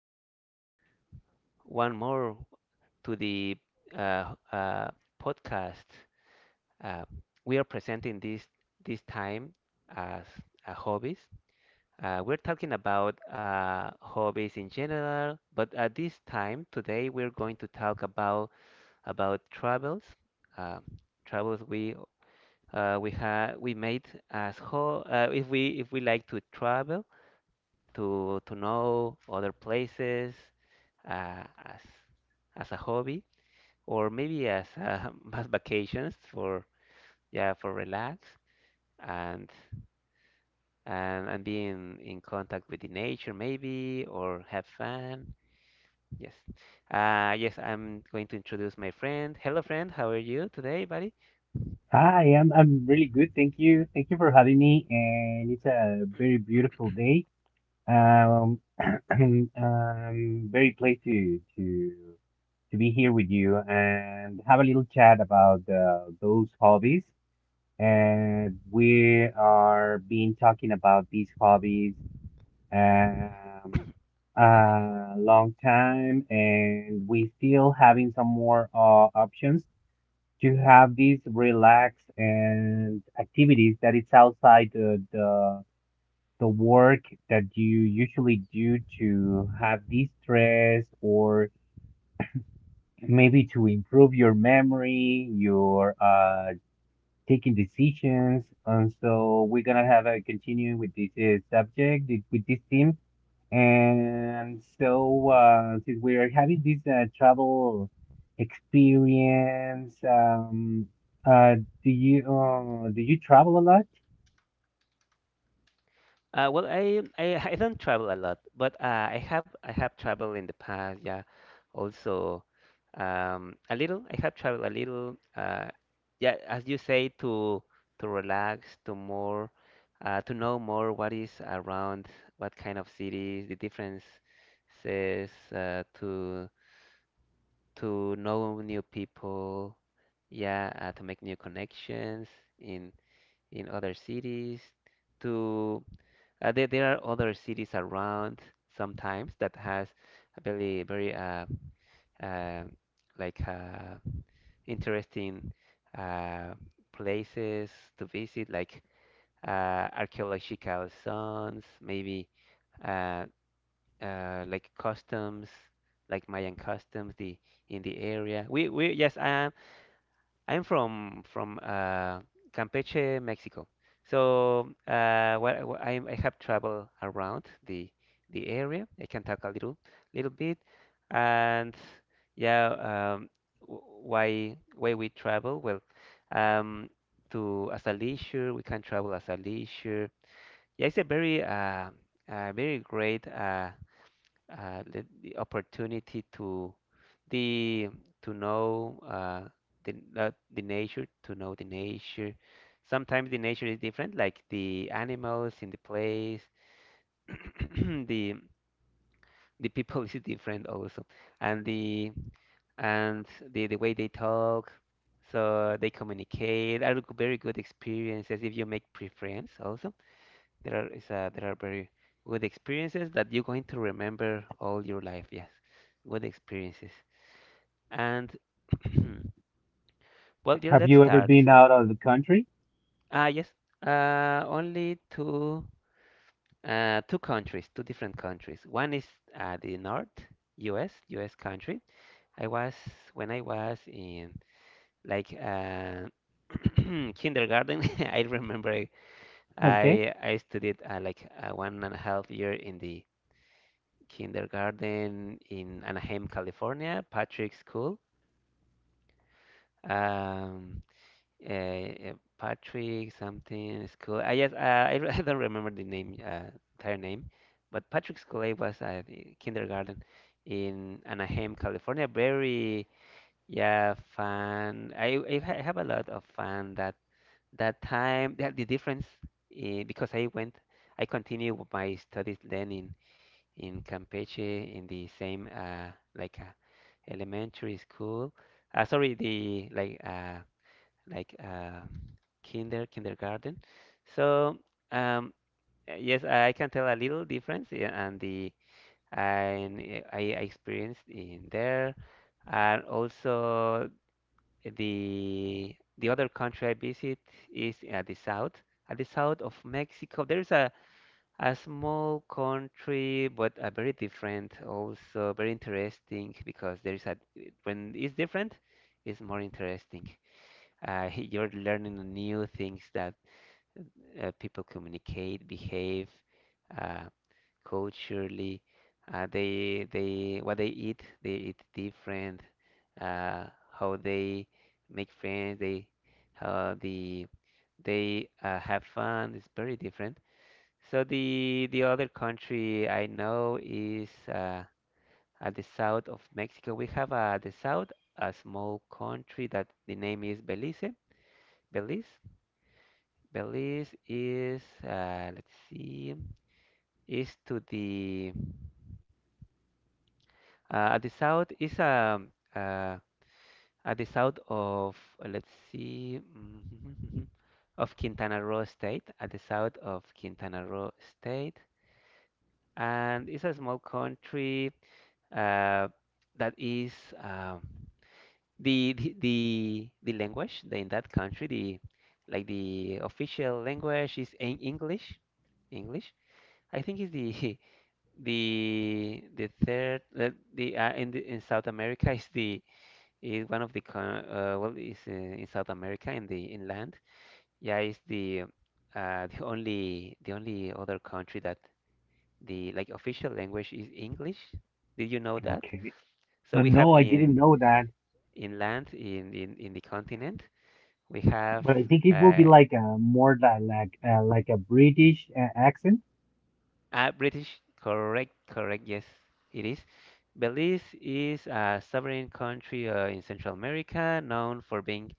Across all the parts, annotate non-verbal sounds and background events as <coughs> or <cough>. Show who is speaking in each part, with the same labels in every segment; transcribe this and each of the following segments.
Speaker 1: Welcome one more to the uh, uh, podcast. Uh, we are presenting this time as hobbies. We're talking about hobbies in general, but at this time today we're going to talk about travels. Uh, travels, we ha we made as ho if we like to travel to know other places, uh, as as a hobby, or maybe as <laughs> as vacations for yeah for relax, and and being in contact with the nature, maybe, or have fun. Yes. Yes, I'm going to introduce my friend. Hello, friend. How are you today, buddy?
Speaker 2: Hi, I'm really good, thank you. Thank you for having me, and it's a very beautiful day. Um, <clears throat> I'm very pleased to be here with you and have a little chat about those hobbies. And we are been talking about these hobbies um a long time, and we still having some more options to have these relax and activities that is outside the work that you usually do to have de stress or maybe to improve your memory, your taking decisions. And so we're gonna have a continue with this subject with this theme. And so, since we are having this travel experience, uh, do you travel a lot?
Speaker 1: Well, I don't travel a lot, but I have traveled in the past. Yeah, also. A little. I have traveled a little. Yeah, as you say, to relax, to more, to know more what is around, what kind of cities, the differences, to know new people. Yeah, to make new connections in in other cities. To There are other cities around sometimes that has a very, very uh, like uh, interesting uh, places to visit, like archaeological zones, maybe, uh, like customs, like Mayan customs, the in the area. We I'm from Campeche, Mexico. So what I have traveled around the area. I can talk a little bit, and, yeah, why we travel? Well, um, to as a leisure, we can travel as a leisure. Yeah, it's a very very great the opportunity to the to know the the nature, to know the nature. Sometimes the nature is different, like the animals in the place, <clears throat> the the people <laughs> is different also, and the and the way they talk, so they communicate are very good experiences if you make pre-friends also. There are very good experiences that you're going to remember all your life. Yes, good experiences. And, <clears throat> well, yeah,
Speaker 2: Have
Speaker 1: let's
Speaker 2: you ever
Speaker 1: start.
Speaker 2: been out of the country?
Speaker 1: Ah, yes. Only two countries, two different countries. One is the North U.S. country. I was When I was in like uh, <clears throat> kindergarten. <laughs> I remember I
Speaker 2: Okay,
Speaker 1: I, I studied like 1.5 year in the kindergarten in Anaheim, California, Patrick School. Um, Patrick something School. I just I, re- <laughs> I don't remember the name, entire name, but Patrick School I was at kindergarten in Anaheim, California. Very, yeah, fun. I have a lot of fun that time. Because I went, I continued with my studies then in Campeche in the same like uh, elementary school. Sorry, the like kinder kindergarten. So um, uh, yes, I can tell a little difference, yeah, and I experienced in there, and also the other country I visit is at the south of Mexico. There's a small country, but a very different, also very interesting because there is a when it's different, it's more interesting. <laughs> You're learning new things that people communicate, behave, uh, culturally. They What they eat different. Uh, how they make friends, they how they have fun is very different. So the other country I know is at the south of Mexico. We have the south a small country that the name is Belize. Belize. Belize is let's see, is to the at the south is uh, at the south of let's see <laughs> of Quintana Roo state at the south of Quintana Roo state, and it's a small country, uh, that is um in that country, the like, the official language is English. I think is the <laughs> the third, the in South America is one of the, well, is in South America in the inland, yeah, is the only other country that the like, official language is English. Did you know that?
Speaker 2: okay.
Speaker 1: So we have
Speaker 2: No, I didn't
Speaker 1: in
Speaker 2: know that,
Speaker 1: inland in the continent. We have
Speaker 2: but I think it will be
Speaker 1: uh,
Speaker 2: like a more like a British accent,
Speaker 1: British, correct, correct, yes, it is. Belize is a sovereign country in Central America, known for being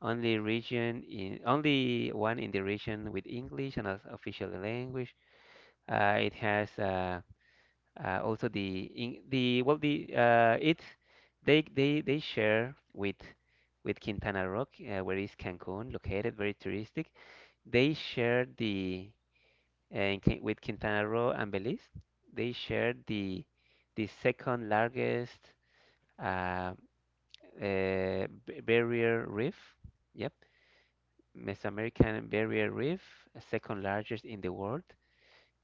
Speaker 1: only one in the region with English and as official language. It has also the in, the well the it they share with Quintana Roo, where is Cancun located, very touristic. They shared with Quintana Roo and Belize. They shared the second largest uh, barrier reef. Yep, Mesoamerican barrier reef, second largest in the world.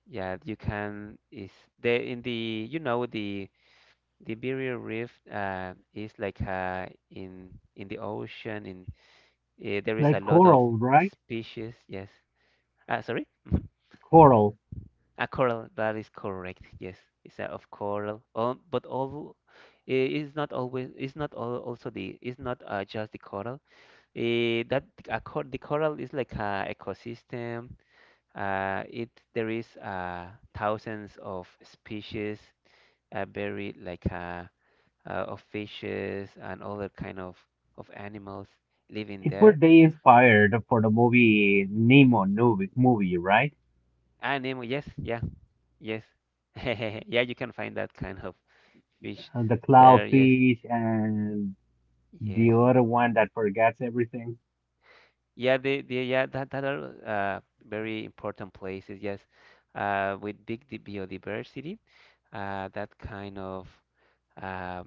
Speaker 1: Yeah, you can is there in the, you know, the barrier reef is like in the ocean in There is
Speaker 2: like
Speaker 1: a lot of
Speaker 2: Coral, right?
Speaker 1: species. Yes. Ah, sorry. <laughs>
Speaker 2: Coral.
Speaker 1: A coral, that is correct. Yes, it's a of coral. But all it's not always, it's not all, also the it's not just the coral. Eh, that a cor The coral is like a ecosystem. It There is thousands of species, very like of fishes and other kind of animals living
Speaker 2: It's where
Speaker 1: there.
Speaker 2: they inspired for the movie Nemo movie, right?
Speaker 1: Animal, yes, yeah, yes, <laughs> yeah. You can find that kind of fish
Speaker 2: The
Speaker 1: there. Yes.
Speaker 2: clownfish and the
Speaker 1: Yes.
Speaker 2: other one that forgets everything.
Speaker 1: Yeah, that are very important places, yes. With big biodiversity, that kind of uh,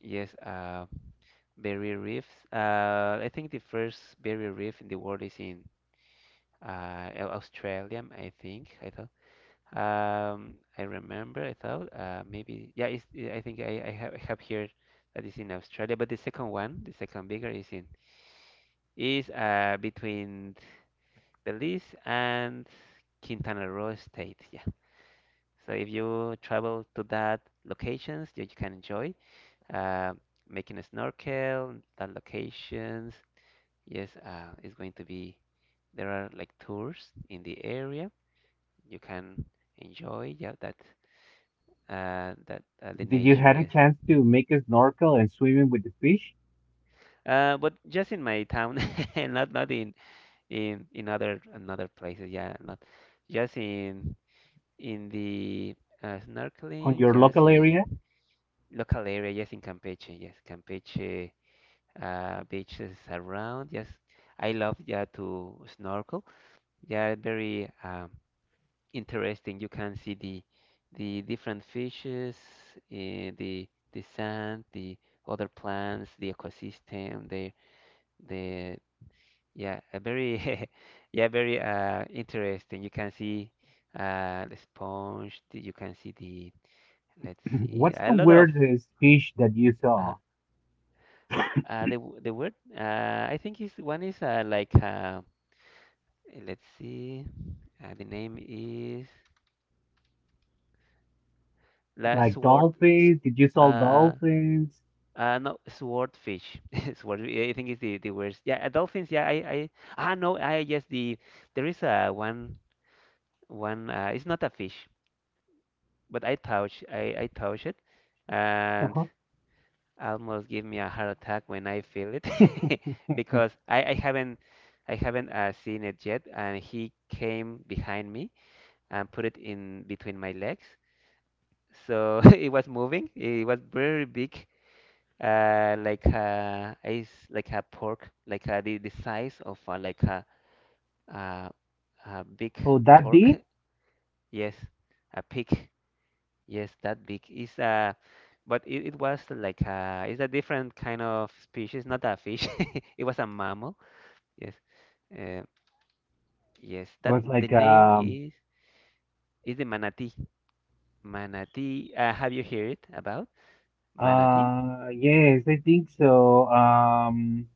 Speaker 1: yes, barrier reefs. I think the first barrier reef in the world is in Australia, I think. I thought. I remember. I thought, maybe. Yeah, it's, I think I have here that is in Australia. But the second one, the second bigger, is between Belize and Quintana Roo state. Yeah. So if you travel to that locations, you can enjoy uh, making a snorkel. That locations, yes, it's going to be. There are like tours in the area. You can enjoy. Yeah, that that the
Speaker 2: Did you
Speaker 1: nature.
Speaker 2: had a
Speaker 1: Yes.
Speaker 2: chance to make a snorkel and swimming with the fish
Speaker 1: But just in my town, <laughs> not in other another places. Yeah, not just in the
Speaker 2: on
Speaker 1: snorkeling,
Speaker 2: your
Speaker 1: just
Speaker 2: local area?
Speaker 1: in local area, just in Campeche, yes, Campeche, beaches around. Yes, I love, yeah, to snorkel. Yeah, very, interesting. You can see the different fishes, eh, the sand, the other plants, the ecosystem, the yeah, a very, <laughs> yeah, very, interesting. You can see the sponge. You can see the Let's
Speaker 2: <clears throat>
Speaker 1: see.
Speaker 2: What's
Speaker 1: A
Speaker 2: the
Speaker 1: lot of,
Speaker 2: weirdest fish that you
Speaker 1: uh,
Speaker 2: saw?
Speaker 1: the word. I think is one is let's see. The name is la
Speaker 2: Like
Speaker 1: sword. s-
Speaker 2: dolphins? Did you saw
Speaker 1: Uh,
Speaker 2: dolphins?
Speaker 1: no, swordfish. <laughs> Sword. I think is the worst. Yeah, dolphins. Yeah, I, ah, no. I yes the There is one. It's not a fish, but I touch it. And
Speaker 2: Uh-huh.
Speaker 1: almost give me a heart attack when I feel it. <laughs> Because I haven't seen it yet, and he came behind me and put it in between my legs. So <laughs> it was moving, it was very big, like a pork, like the size of a, a big
Speaker 2: Oh, that
Speaker 1: pork.
Speaker 2: big?
Speaker 1: <laughs> Yes, a pig. Yes, that big but it it's a different kind of species, not a fish. <laughs> It was a mammal. Yes, uh, yes. That
Speaker 2: Was
Speaker 1: the
Speaker 2: like
Speaker 1: name
Speaker 2: um
Speaker 1: is the manatee. Manatee. Have you heard it about manatee?
Speaker 2: Yes, I think so.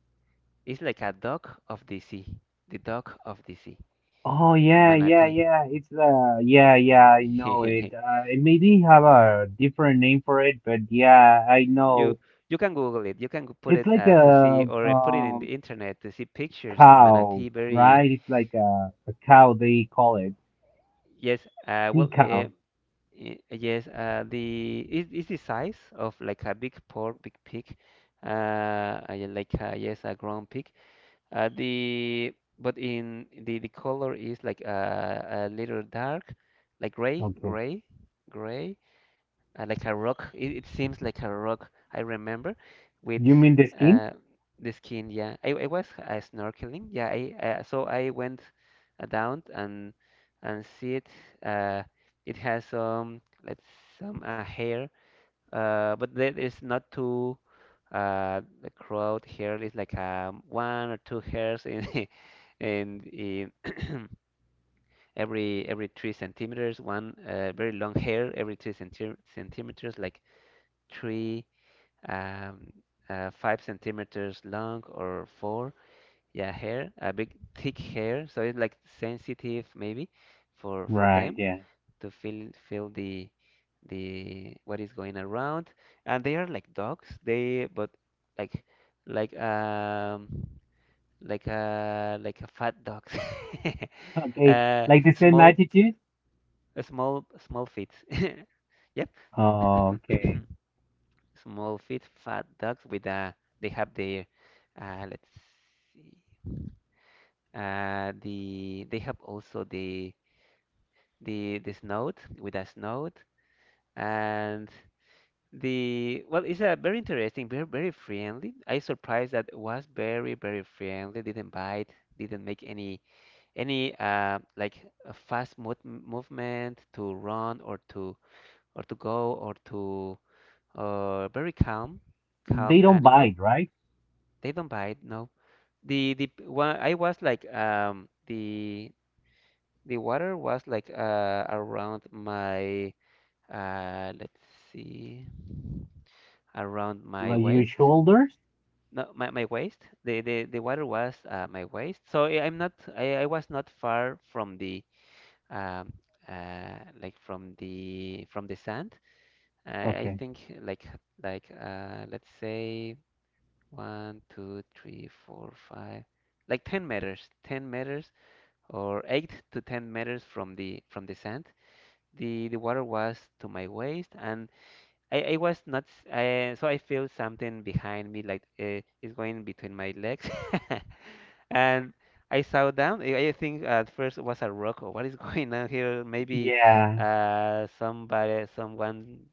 Speaker 1: It's like a dog of the sea. The dog of the sea.
Speaker 2: Oh,
Speaker 1: The
Speaker 2: yeah, yeah,
Speaker 1: manatee.
Speaker 2: yeah. It's yeah, yeah, I know it.
Speaker 1: <laughs>
Speaker 2: It maybe have a different name for it, but yeah, I
Speaker 1: You
Speaker 2: know.
Speaker 1: you can Google it. You can put
Speaker 2: It's
Speaker 1: it,
Speaker 2: like
Speaker 1: to see,
Speaker 2: a
Speaker 1: or put it in the internet to see pictures. The
Speaker 2: cow,
Speaker 1: manatee, very.
Speaker 2: right? It's like a cow they call it.
Speaker 1: Yes. Uh,
Speaker 2: Sea
Speaker 1: well. Uh,
Speaker 2: cow.
Speaker 1: Y- Yes, the it's the size of like a big pork, big pig, yeah, yes, a ground pig. The but in the color is like, a little dark, like gray,
Speaker 2: Okay.
Speaker 1: gray, gray, like a rock. It seems like a rock. I remember with,
Speaker 2: You mean the skin?
Speaker 1: uh, the skin. Yeah, I was snorkeling. Yeah, I so I went down, and see it. Uh, it has some, let's some, hair, but that is not too. The crowd hair is like, one or two hairs in <laughs> in <clears throat> every 3 centimeters. One very long hair every three centimeters, like three um, 5 centimeters long, or four. Yeah, hair, a big thick hair, so it's like sensitive maybe for
Speaker 2: Right,
Speaker 1: them
Speaker 2: yeah.
Speaker 1: to feel the what is going around. And they are like dogs, they, but like, like like a fat dogs. <laughs>
Speaker 2: Okay.
Speaker 1: uh
Speaker 2: Like the same
Speaker 1: small
Speaker 2: attitude?
Speaker 1: small small feet. <laughs> Yep.
Speaker 2: Okay.
Speaker 1: <coughs> Small feet, fat dogs with a, they have their, let's see, the, they have also the the snout, with a snout. And the well, it's a very interesting, very very friendly. I surprised that it was very very friendly, didn't bite, didn't make any like a fast mo movement to run, or to, or to go, or to, very calm, calm
Speaker 2: They don't
Speaker 1: animal.
Speaker 2: bite, right?
Speaker 1: They don't bite, no. The one I was like, the water was like around my, let's see, around my
Speaker 2: Like your
Speaker 1: waist.
Speaker 2: shoulders?
Speaker 1: No, my waist. The water was my waist. So I'm not, I was not far from the, um like from the sand. I
Speaker 2: Okay.
Speaker 1: think like, let's say one, two, three, four, five, like 10 meters, 10 meters, or 8 to 10 meters from the sand. The water was to my waist. And I was not so I feel something behind me, like, it's going between my legs, <laughs> and I saw down. I think at first it was a rock. Or what is <laughs> going on here? Maybe,
Speaker 2: Yeah.
Speaker 1: someone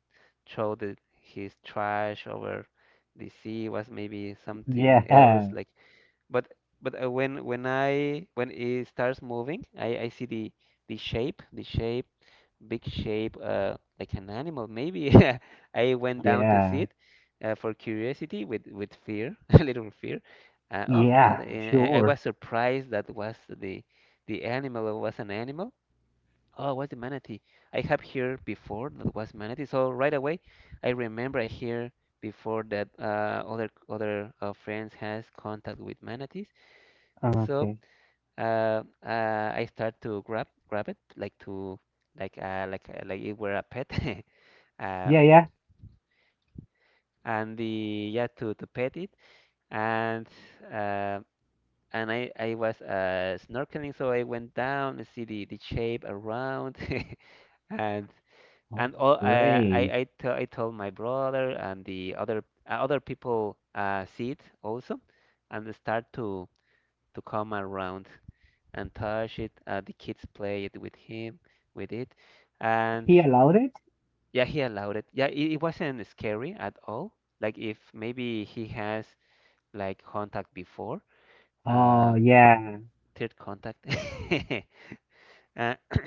Speaker 1: threw his trash over the sea. Was maybe something else,
Speaker 2: Yeah. <laughs>
Speaker 1: like, but when I when it starts moving, I see the shape, big shape, like an animal maybe. <laughs> I went down to see
Speaker 2: Yeah.
Speaker 1: it, for curiosity, with fear, <laughs> a little fear. Oh, what?
Speaker 2: Yeah,
Speaker 1: I
Speaker 2: sure.
Speaker 1: was surprised that was the animal, was an animal. Oh, it was the manatee. I have heard before that was manatee. So right away, I remember I hear before that, other friends has contact with manatees. So,
Speaker 2: Okay.
Speaker 1: I start to grab it, like to, like, like, like it were a pet. <laughs> uh,
Speaker 2: Yeah, yeah.
Speaker 1: and the, yeah, to pet it. And uh, and I was snorkeling, so I went down and see the shape around. <laughs> And
Speaker 2: Oh,
Speaker 1: all,
Speaker 2: great.
Speaker 1: I I told my brother, and the other, other people, see it also. And they start to come around and touch it. The kids play it with him, with it. And
Speaker 2: He allowed it?
Speaker 1: yeah, he allowed it. Yeah, it wasn't scary at all. Like, if maybe he has like contact before,
Speaker 2: Oh,
Speaker 1: uh,
Speaker 2: yeah.
Speaker 1: third contact. <laughs> Uh, <coughs>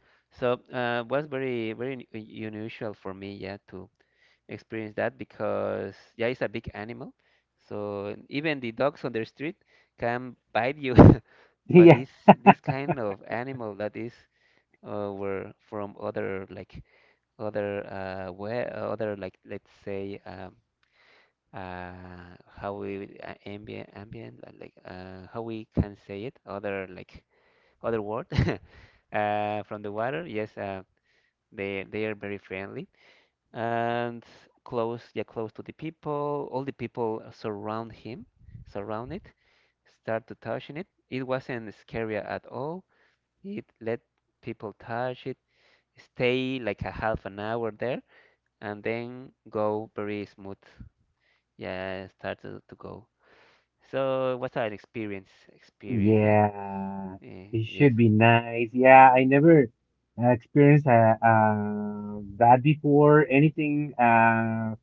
Speaker 1: <clears throat> so, was very very unusual for me, yeah, to experience that, because yeah, it's a big animal. So even the dogs on the street can bite you, <laughs>
Speaker 2: <laughs>
Speaker 1: but
Speaker 2: Yeah.
Speaker 1: this kind of animal that is, were from other, like other, where other, like, let's say, uh, how we, ambient, like, how we can say it, other, like other word. <laughs> From the water, yes, they are very friendly. And close, yeah, close to the people. All the people surround him, surround it, start to touching it. It wasn't scary at all. It let people touch it, stay like a half an hour there, and then go very smooth. Yeah, start to go. So it was an experience, experience, yeah.
Speaker 2: Yeah,
Speaker 1: Eh,
Speaker 2: it
Speaker 1: yes,
Speaker 2: should be nice. Yeah, I never experienced that before. Anything. Uh,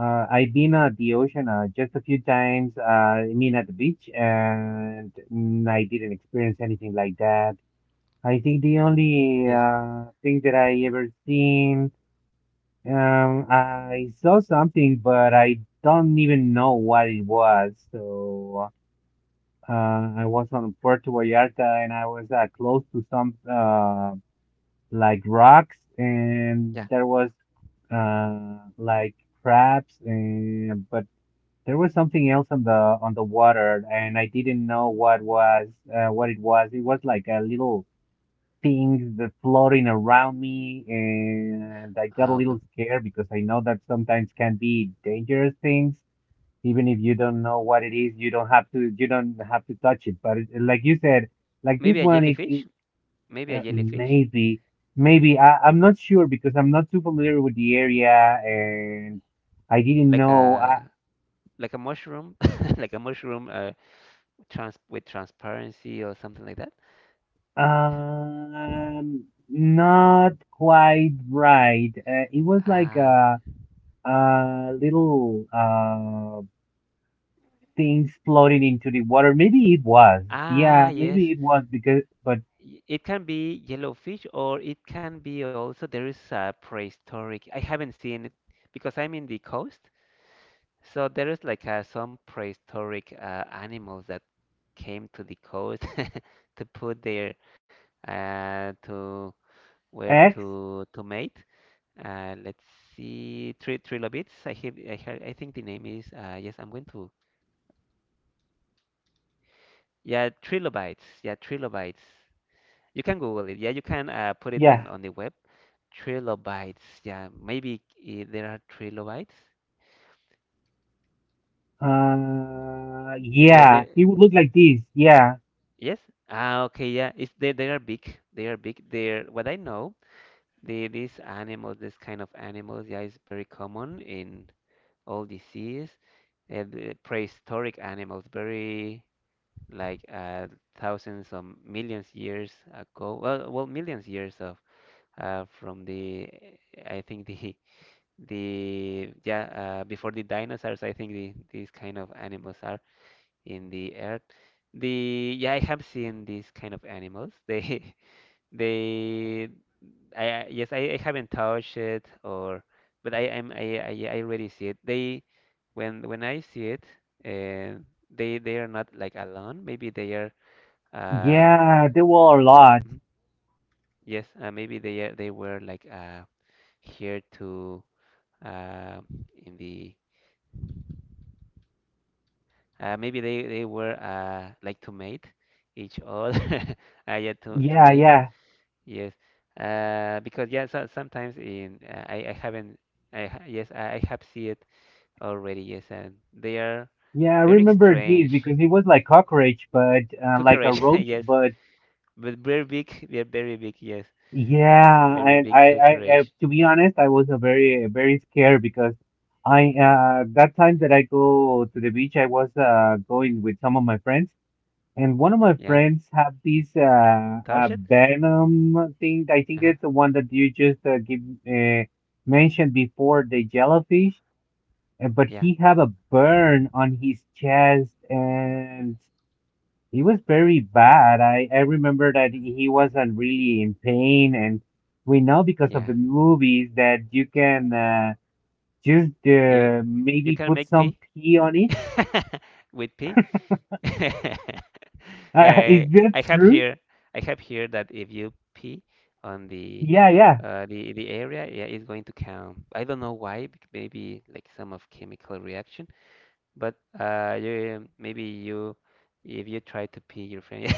Speaker 2: uh, I've been at the ocean just a few times. I mean, at the beach, and I didn't experience anything like that. I think the only
Speaker 1: yes,
Speaker 2: thing that I ever seen, I saw something, but I don't even know what it was. So. I was on Puerto Vallarta and I was close to some like rocks,
Speaker 1: yeah.
Speaker 2: and there was like crabs, and but there was something else on the water, and I didn't know what it was. It was like a little things that floating around me, and I got a
Speaker 1: Ah, okay.
Speaker 2: little scared because I know that sometimes can be dangerous things, even if you don't know what it is you don't have to touch it. But it, like you said, like this
Speaker 1: Maybe a
Speaker 2: one, it,
Speaker 1: jellyfish,
Speaker 2: it
Speaker 1: maybe a
Speaker 2: uh,
Speaker 1: jellyfish,
Speaker 2: maybe maybe I'm not sure, because I'm not too familiar with the area and I didn't
Speaker 1: like
Speaker 2: know.
Speaker 1: a, like a mushroom, <laughs> like a mushroom, trans, with transparency, or something like that.
Speaker 2: Not quite right, it was like
Speaker 1: Ah, ok.
Speaker 2: a little things floating into the water, maybe it was,
Speaker 1: Ah,
Speaker 2: yeah,
Speaker 1: yes.
Speaker 2: maybe it was because but
Speaker 1: It can be yellowfish, or it can be also, there is a prehistoric. I haven't seen it because I'm in the coast. So there is like, some prehistoric, animals that came to the coast, <laughs> to put their, to, where,
Speaker 2: x,
Speaker 1: to mate. Let's see, trilobites. I hear, I think the name is, yes. I'm going to, yeah, trilobites. Yeah, trilobites. You can Google it. Yeah, you can, put it
Speaker 2: yeah.
Speaker 1: in, on the web. Trilobites. Yeah, maybe, there are trilobites. Uh,
Speaker 2: Yeah,
Speaker 1: the,
Speaker 2: it would look like this. Yeah,
Speaker 1: yes. Ah, okay. Yeah, it's, they are big. They are big. They're what I know. These animals, this kind of animals, yeah, is very common in all disease. The prehistoric animals, very like, thousands of millions years ago. Well, well, millions years of, from the, I think the, yeah, before the dinosaurs. I think these kind of animals are in the earth. The Yeah, I have seen these kind of animals. They <laughs> they, yes, I haven't touched it, or, but I am, I already see it. They, when I see it, uh, they, are not like alone. Maybe they are. Uh,
Speaker 2: yeah, there were a lot.
Speaker 1: mhm, yes, maybe they were like, here to, uh, in the, maybe they were, like to mate each other. <laughs> Yeah, to
Speaker 2: Yeah,
Speaker 1: mate.
Speaker 2: yeah,
Speaker 1: Yes. Because yeah, so, sometimes in, I haven't. Yes, I have seen it already, yes, and they are
Speaker 2: yeah. I
Speaker 1: very
Speaker 2: remember this
Speaker 1: strange
Speaker 2: because it was like cockroach, but like a
Speaker 1: cockroach, <laughs>
Speaker 2: roach.
Speaker 1: yes,
Speaker 2: But
Speaker 1: but very big. They're very big, yes,
Speaker 2: yeah,
Speaker 1: very
Speaker 2: and
Speaker 1: big cockroach.
Speaker 2: to be honest, I was a very, very scared because that time that I go to the beach, I was going with some of my friends. And one of my
Speaker 1: Yeah,
Speaker 2: friends have this
Speaker 1: touch it.
Speaker 2: venom thing. I think
Speaker 1: Uh-huh.
Speaker 2: it's the one that you just give uh, mentioned before, the jellyfish. But
Speaker 1: Yeah,
Speaker 2: he have a burn on his chest, and it was very bad. I remember that he wasn't really in pain, and we know because of
Speaker 1: yeah.
Speaker 2: the movies that you can just
Speaker 1: You,
Speaker 2: maybe
Speaker 1: can
Speaker 2: put
Speaker 1: make
Speaker 2: some
Speaker 1: pee,
Speaker 2: pee on it. <laughs>
Speaker 1: <laughs> with pee. <laughs>
Speaker 2: Is
Speaker 1: Uh,
Speaker 2: that
Speaker 1: I have
Speaker 2: true?
Speaker 1: here, I have here that if you pee on the,
Speaker 2: Yeah, yeah.
Speaker 1: the area, yeah, it's going to count. I don't know why. Maybe like some of chemical reaction. But, you, maybe you, if you try to pee your friend,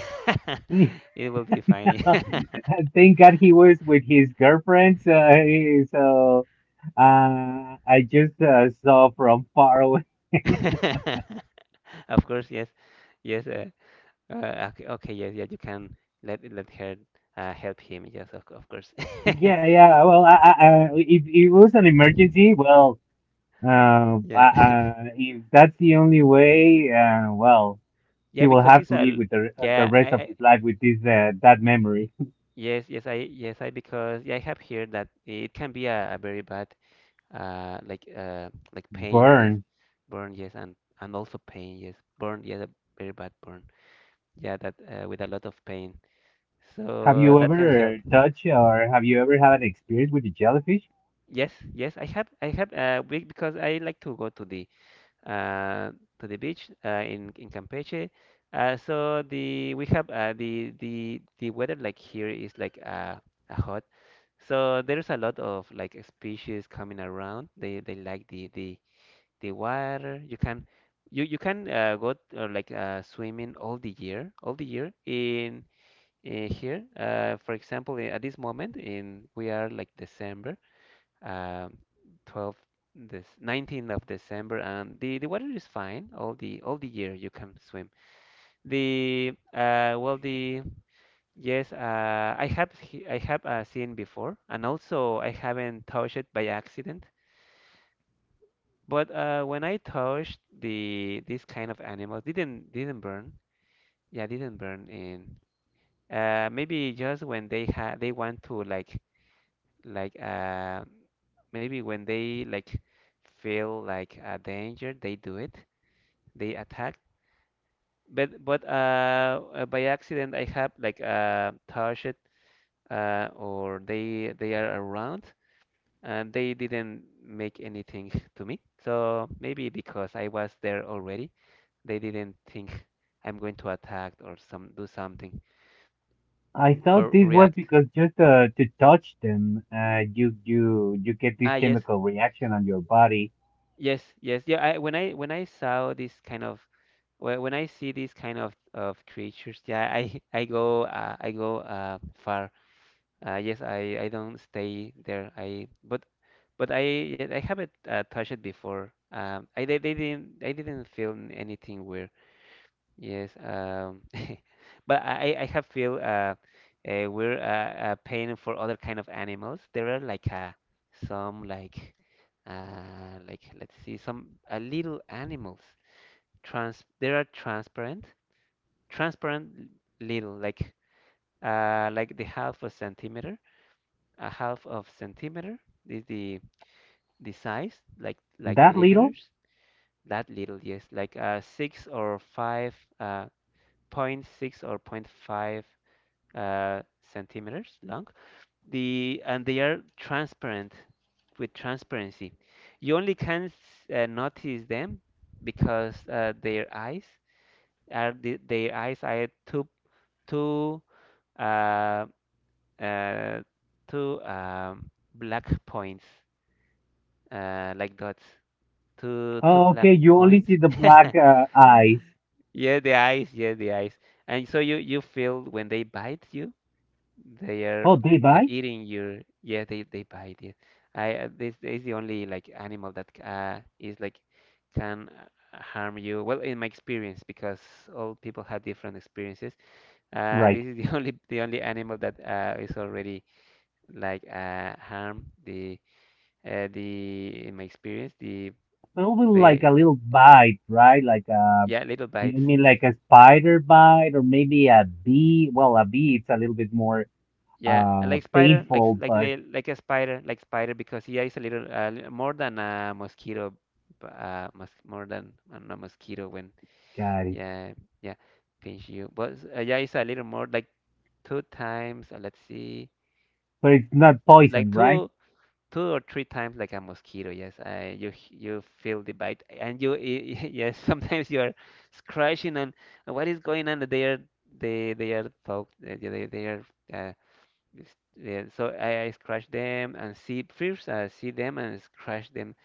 Speaker 1: <laughs>
Speaker 2: <laughs>
Speaker 1: it will be funny.
Speaker 2: <laughs> Thank God he was with his girlfriend. So, <laughs> I just saw from far away. <laughs>
Speaker 1: <laughs> Of course, yes, yes. Okay, okay, yes, yeah. You can let, her, help him. Yes, of course. <laughs>
Speaker 2: Yeah, yeah. Well, if it was an emergency, well,
Speaker 1: Yeah, <laughs>
Speaker 2: if that's the only way, well,
Speaker 1: yeah.
Speaker 2: he will
Speaker 1: Because
Speaker 2: have
Speaker 1: it's
Speaker 2: to live with the
Speaker 1: yeah.
Speaker 2: rest of
Speaker 1: I
Speaker 2: his life with this that memory.
Speaker 1: yes, yes, I yes, I because yeah, I have heard that it can be a very bad, like, like
Speaker 2: <laughs>
Speaker 1: pain, yes,
Speaker 2: Burn.
Speaker 1: burn, yes, and also pain, yes, burn, yeah, a very bad burn, yeah, that, with a lot of pain.
Speaker 2: Have
Speaker 1: So
Speaker 2: you
Speaker 1: that can help.
Speaker 2: ever touched or have you ever had an experience with the jellyfish?
Speaker 1: Yes, yes, I have, because I like to go to the, uh, to the beach, in Campeche. So the, we have, the weather, like here, is like, hot. So there's a lot of like species coming around. They, like the water. You can, you can, go, like, swimming all the year in here. For example, at this moment in we are like December, um, 12, this 19th of December, and the water is fine all the year. You can swim. The well the yes, I have I have, seen before, and also I haven't touched it by accident. But, when I touched the this kind of animals, didn't burn. Yeah, didn't burn in. Maybe just when they had they want to like, maybe when they like feel like a danger, they do it. They attack. But by accident, I have like, touched it, or they, are around, and they didn't make anything to me. So maybe because I was there already. They didn't think I'm going to attack, or some do something,
Speaker 2: I thought
Speaker 1: or
Speaker 2: this was
Speaker 1: react.
Speaker 2: because just to touch them, you get this
Speaker 1: Ah, yes,
Speaker 2: chemical reaction on your body.
Speaker 1: yes, yes. Yeah, I, when I saw this kind of, when I see these kind of creatures, yeah, I <laughs> I go, I go, far. Yes, I don't stay there. I, but I, yeah, I haven't, touched it before. I they didn't I didn't feel anything weird. Yes, <laughs> But I have feel, we're, paying for other kind of animals. There are like, some like, like, let's see, some, little animals. Trans, there are transparent, transparent little, like, like the half a centimeter, a half of centimeter, is the size, like
Speaker 2: That little?
Speaker 1: millimeters. That little, yes, like, six or five, point 0.6, or 0.5, uh, centimeters long. The and they are transparent, with transparency. You only can notice them because their eyes are their eyes are two uh, uh, two black points, like dots, two
Speaker 2: Oh,
Speaker 1: black
Speaker 2: okay. You only
Speaker 1: points.
Speaker 2: see the
Speaker 1: <laughs>
Speaker 2: black eyes.
Speaker 1: Yeah, the eyes, yeah the eyes, and so you feel when they bite you. They are
Speaker 2: Oh, they bite?
Speaker 1: eating your, yeah they bite it. I This is the only like animal that is like, can harm you, well, in my experience, because all people have different experiences.
Speaker 2: Right.
Speaker 1: This is the <laughs> only, the only animal that is already like harm the the, in my experience, the
Speaker 2: Probably like
Speaker 1: the
Speaker 2: a little bite, right? Like a
Speaker 1: yeah, little
Speaker 2: You
Speaker 1: bites.
Speaker 2: mean like a spider bite, or maybe a bee? Well, a bee it's a little bit more
Speaker 1: Yeah, like spider,
Speaker 2: painful, but
Speaker 1: like a spider, like spider, because yeah, it's a little more than a mosquito, b- mos more than a mosquito when,
Speaker 2: got it.
Speaker 1: yeah yeah, pinch you. But yeah, it's a little more, like two times. Let's see,
Speaker 2: But it's not
Speaker 1: like
Speaker 2: poison, right?
Speaker 1: two or three times like a mosquito. Yes, you you feel the bite and you <laughs> yes, sometimes you are scratching and what is going on? They are, they are folk they are. Uh, Yeah, so I scratch them and see, first I see them and scratch them.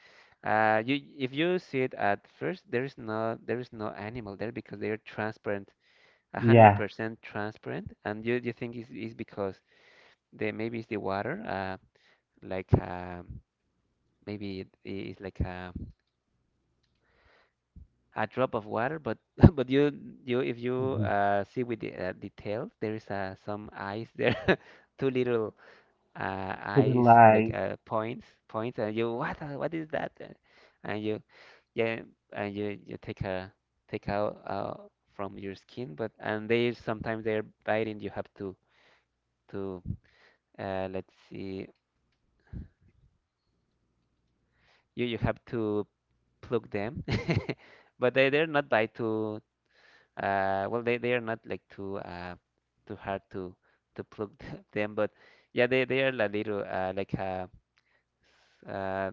Speaker 1: You, if you see it at first, there is no, there is no animal there because they are transparent, a hundred
Speaker 2: Yeah.
Speaker 1: percent transparent, and you think it's because they, maybe it's the water, like uh, maybe it's like a drop of water, but <laughs> but you if you
Speaker 2: Hmm.
Speaker 1: see with the details, there is some eyes there, <laughs> two little
Speaker 2: Two
Speaker 1: eyes,
Speaker 2: little
Speaker 1: like
Speaker 2: eyes.
Speaker 1: points, points, and you, what is that? And you, yeah, and you take a, take out from your skin, but, and they sometimes they're biting, you have to let's see you you have to pluck them. <laughs> But they they're not bite too well, they are not like too too hard to pluck <laughs> them, but yeah, they are a little uh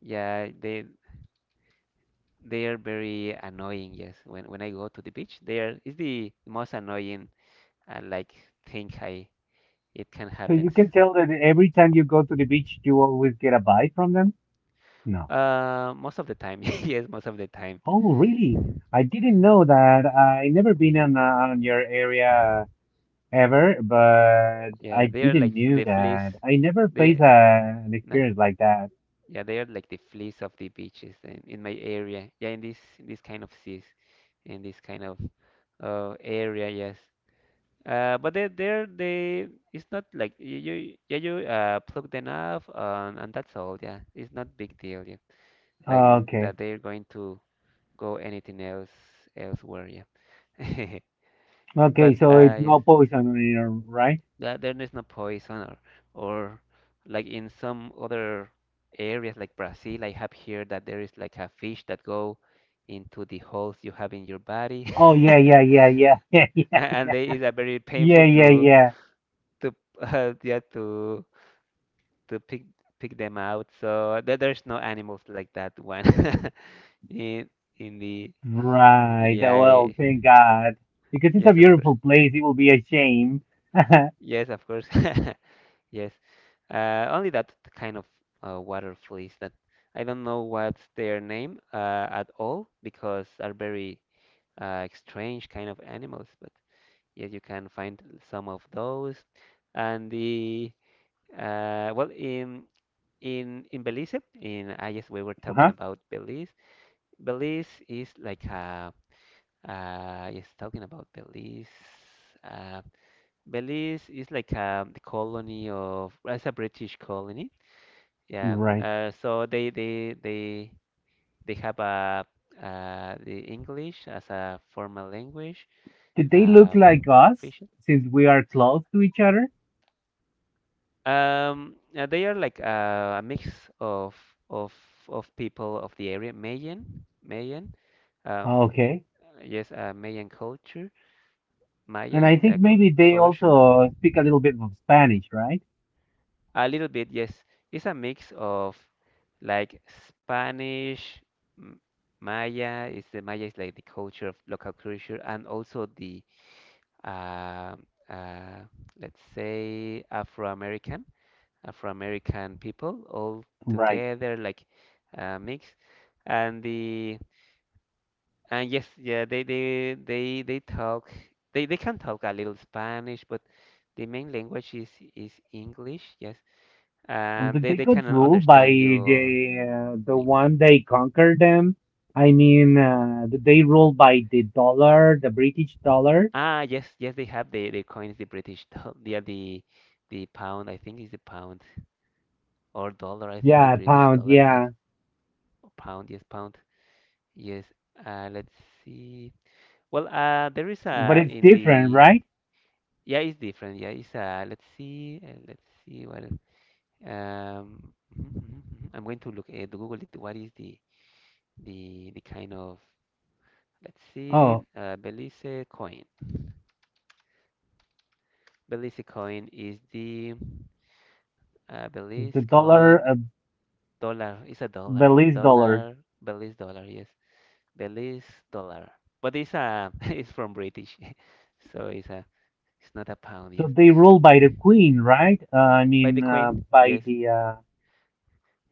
Speaker 1: yeah they. They are very annoying, yes. When I go to the beach, they are, it's the most annoying uh, like thing I, it can
Speaker 2: So you
Speaker 1: happens.
Speaker 2: can tell that every time you go to the beach, you always get a bite from them? No.
Speaker 1: Most of the time, <laughs> yes, most of the time.
Speaker 2: Oh, really? I didn't know that. I never been on your area ever, but
Speaker 1: Yeah,
Speaker 2: I
Speaker 1: they are
Speaker 2: didn't
Speaker 1: like
Speaker 2: knew
Speaker 1: the fleas.
Speaker 2: that. I never faced
Speaker 1: They,
Speaker 2: an
Speaker 1: no,
Speaker 2: experience like that.
Speaker 1: yeah, they are like the fleas of the beaches in my area. Yeah, in this this kind of seas, in this kind of area, yes. But they, it's not like you, yeah you plug them up and that's all. Yeah, it's not big deal. Yeah. Like is,
Speaker 2: Okay.
Speaker 1: that they're going to go anything else, elsewhere. Yeah, <laughs>
Speaker 2: Okay,
Speaker 1: but
Speaker 2: so it's
Speaker 1: yes,
Speaker 2: no poison on it, right?
Speaker 1: that there is no poison or like in some other areas like Brazil, I have heard that there is like a fish that go into the holes you have in your body,
Speaker 2: Oh, yeah, yeah, yeah, yeah, <laughs> yeah,
Speaker 1: <laughs>
Speaker 2: yeah,
Speaker 1: and they is a very painful
Speaker 2: yeah, yeah, yeah.
Speaker 1: to <laughs> yeah to pick, pick them out. So there, there's no animals like that one <laughs> in in the,
Speaker 2: Right.
Speaker 1: yeah,
Speaker 2: Well, thank God. Because it's a
Speaker 1: yes of course.
Speaker 2: beautiful place, it will be a shame. <laughs>
Speaker 1: Yes, of course. <laughs> Yes. Only that kind of water fleas that I don't know what's their name at all, because are very strange kind of animals. But yes, you can find some of those. And the well in Belize, in I guess we were talking
Speaker 2: Uh-huh.
Speaker 1: about Belize. Belize is like a yes, talking about Belize. Uh, Belize is like the colony of, it's a British colony. Yeah.
Speaker 2: Right.
Speaker 1: So they have a the English as a formal language.
Speaker 2: Did they look
Speaker 1: Um,
Speaker 2: like us
Speaker 1: official.
Speaker 2: since we are close to each other?
Speaker 1: They are like a mix of of of people of the area, Mayan, Mayan. Um,
Speaker 2: Oh, okay.
Speaker 1: yes, Mayan culture,
Speaker 2: And
Speaker 1: Maya
Speaker 2: I think maybe they
Speaker 1: culture.
Speaker 2: also speak a little bit of Spanish, right?
Speaker 1: A little bit, yes. It's a mix of, like, Spanish, M- Maya. It's the Maya is like the culture of local culture, and also the uh, uh, let's say Afro-American, Afro-American people all
Speaker 2: Right.
Speaker 1: together, like mix. And the, and yes, yeah, they talk. They can talk a little Spanish, but the main language is English. Yes,
Speaker 2: Did they
Speaker 1: they
Speaker 2: got
Speaker 1: cannot
Speaker 2: ruled by
Speaker 1: understand
Speaker 2: the
Speaker 1: you
Speaker 2: uh, the
Speaker 1: in English.
Speaker 2: one they conquered them? I mean, did they ruled by the dollar, the British dollar?
Speaker 1: Ah, yes, yes, they have the coins, the British <laughs> doll, yeah, the pound. I think is the pound or dollar. I think the
Speaker 2: Yeah,
Speaker 1: British
Speaker 2: pound,
Speaker 1: dollar. Yes,
Speaker 2: yeah.
Speaker 1: or pound. Yes, pound. Yes. Let's see. Well, there is
Speaker 2: But
Speaker 1: a,
Speaker 2: it's
Speaker 1: in
Speaker 2: different,
Speaker 1: the,
Speaker 2: right?
Speaker 1: yeah, it's different. Yeah, it's let's see, let's see. Well, <laughs> mhm, mhm, mhm. I'm going to look at, Google it. What is the kind of, let's see,
Speaker 2: Oh,
Speaker 1: Belize coin. Belize coin is the Belize
Speaker 2: the dollar,
Speaker 1: coin dollar. It's a dollar.
Speaker 2: Belize dollar.
Speaker 1: Dollar, Belize dollar. Yes, Belize dollar. But it's a <laughs> it's from British, <laughs> so it's a, it's not a pound.
Speaker 2: So
Speaker 1: Yes,
Speaker 2: they ruled by the queen, right? I
Speaker 1: by the
Speaker 2: mean,
Speaker 1: Queen.
Speaker 2: by
Speaker 1: Yes,
Speaker 2: the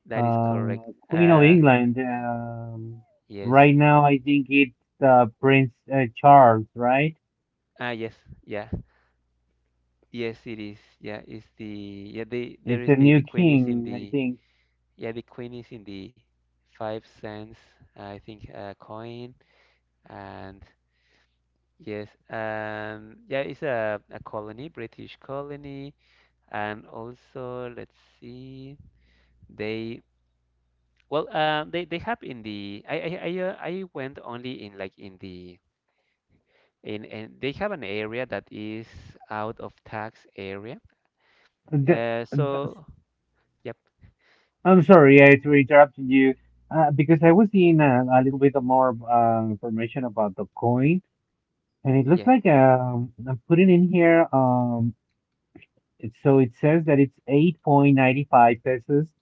Speaker 1: that is
Speaker 2: uh,
Speaker 1: correct.
Speaker 2: Queen of England. Um,
Speaker 1: Yes.
Speaker 2: right now, I think it's Prince Charles, right?
Speaker 1: Ah, yes. Yeah. Yes, it is. Yeah, it's the, yeah the there
Speaker 2: It's
Speaker 1: is
Speaker 2: a new
Speaker 1: the Queen is in
Speaker 2: king, I
Speaker 1: the,
Speaker 2: think.
Speaker 1: yeah the Queen is in the 5 cents, I think coin. And yes, yeah, it's a colony, British colony, and also let's see, they, well, they have in the I went only in, like in the, in, and they have an area that is out of tax area.
Speaker 2: The, the,
Speaker 1: So yep,
Speaker 2: I'm sorry, I to interrupt you because I was seeing a little bit more information about the coin, and it looks
Speaker 1: yes,
Speaker 2: like I'm putting in here. So it says that it's 8.95 pesos,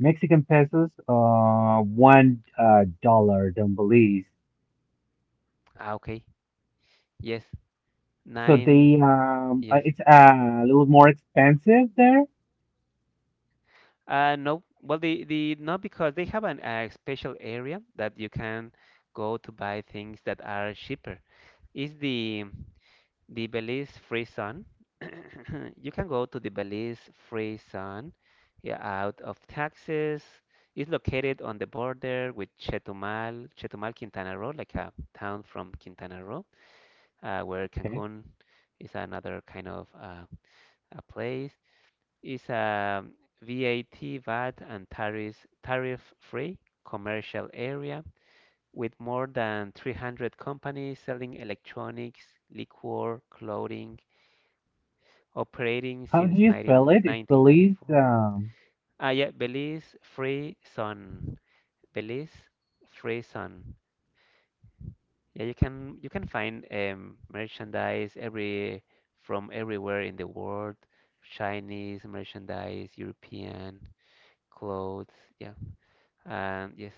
Speaker 2: Mexican pesos, one dollar, don't believe.
Speaker 1: ah, okay, yes,
Speaker 2: So they
Speaker 1: nine, yes.
Speaker 2: it's a little more expensive there.
Speaker 1: No, well, the not, because they have an a special area that you can go to buy things that are cheaper. Is the Belize Free Zone? <coughs> You can go to the Belize Free Zone, yeah, out of taxes. It's located on the border with Chetumal, Chetumal, Quintana Roo, like a town from Quintana Roo, where
Speaker 2: Okay.
Speaker 1: Cancun is, another kind of a place, is a VAT, VAT, and tariffs, tariff-free commercial area with more than 300 companies selling electronics, liquor, clothing, operating
Speaker 2: How do
Speaker 1: since
Speaker 2: you spell it? It's Belize.
Speaker 1: 1994. Ah, yeah, Belize Free Zone. Belize Free Zone. Yeah, you can find merchandise every, from everywhere in the world. Chinese merchandise, European clothes. Yeah. And yes,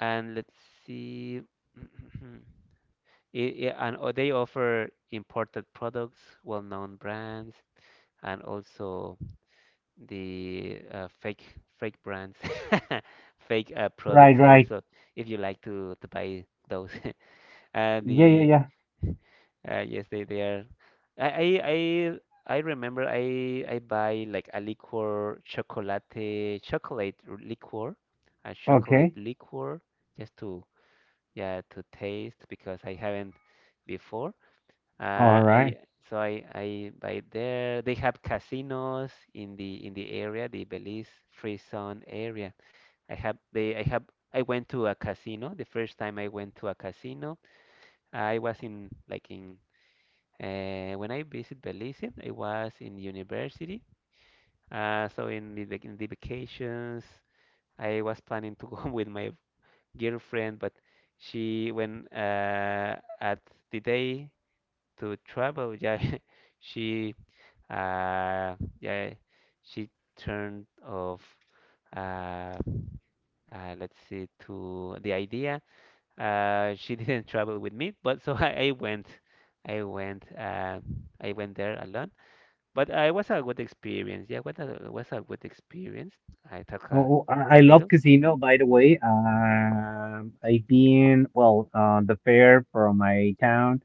Speaker 1: and let's see. <clears throat> And they offer imported products, well-known brands, and also the fake brands, <laughs> fake
Speaker 2: Right,
Speaker 1: products
Speaker 2: right.
Speaker 1: also, if you like to buy those. <laughs>
Speaker 2: Yeah, yeah,
Speaker 1: The
Speaker 2: yeah.
Speaker 1: <laughs> yes, they are. I I I, I remember I buy like a liquor, chocolate, chocolate liquor, a chocolate
Speaker 2: Okay.
Speaker 1: liquor, just to, yeah, to taste because I haven't before.
Speaker 2: All
Speaker 1: I
Speaker 2: right.
Speaker 1: so I buy there. They have casinos in the area, the Belize Free Zone area. I have, they, I have, I went to a casino, the first time I went to a casino I was in, like in when I visit Belize, I was in university. So in the in the vacations, I was planning to go <laughs> with my girlfriend, but she when at the day to travel, yeah, <laughs> she uh, yeah she turned off uh, let's see to the idea. She <laughs> didn't travel with me, but so <laughs> I went, uh, I went there alone. But it was a good experience. Yeah, what a, it was a good experience. I took
Speaker 2: Oh, I
Speaker 1: a
Speaker 2: love
Speaker 1: little
Speaker 2: casino, by the way. I've been, well, the fair from my town.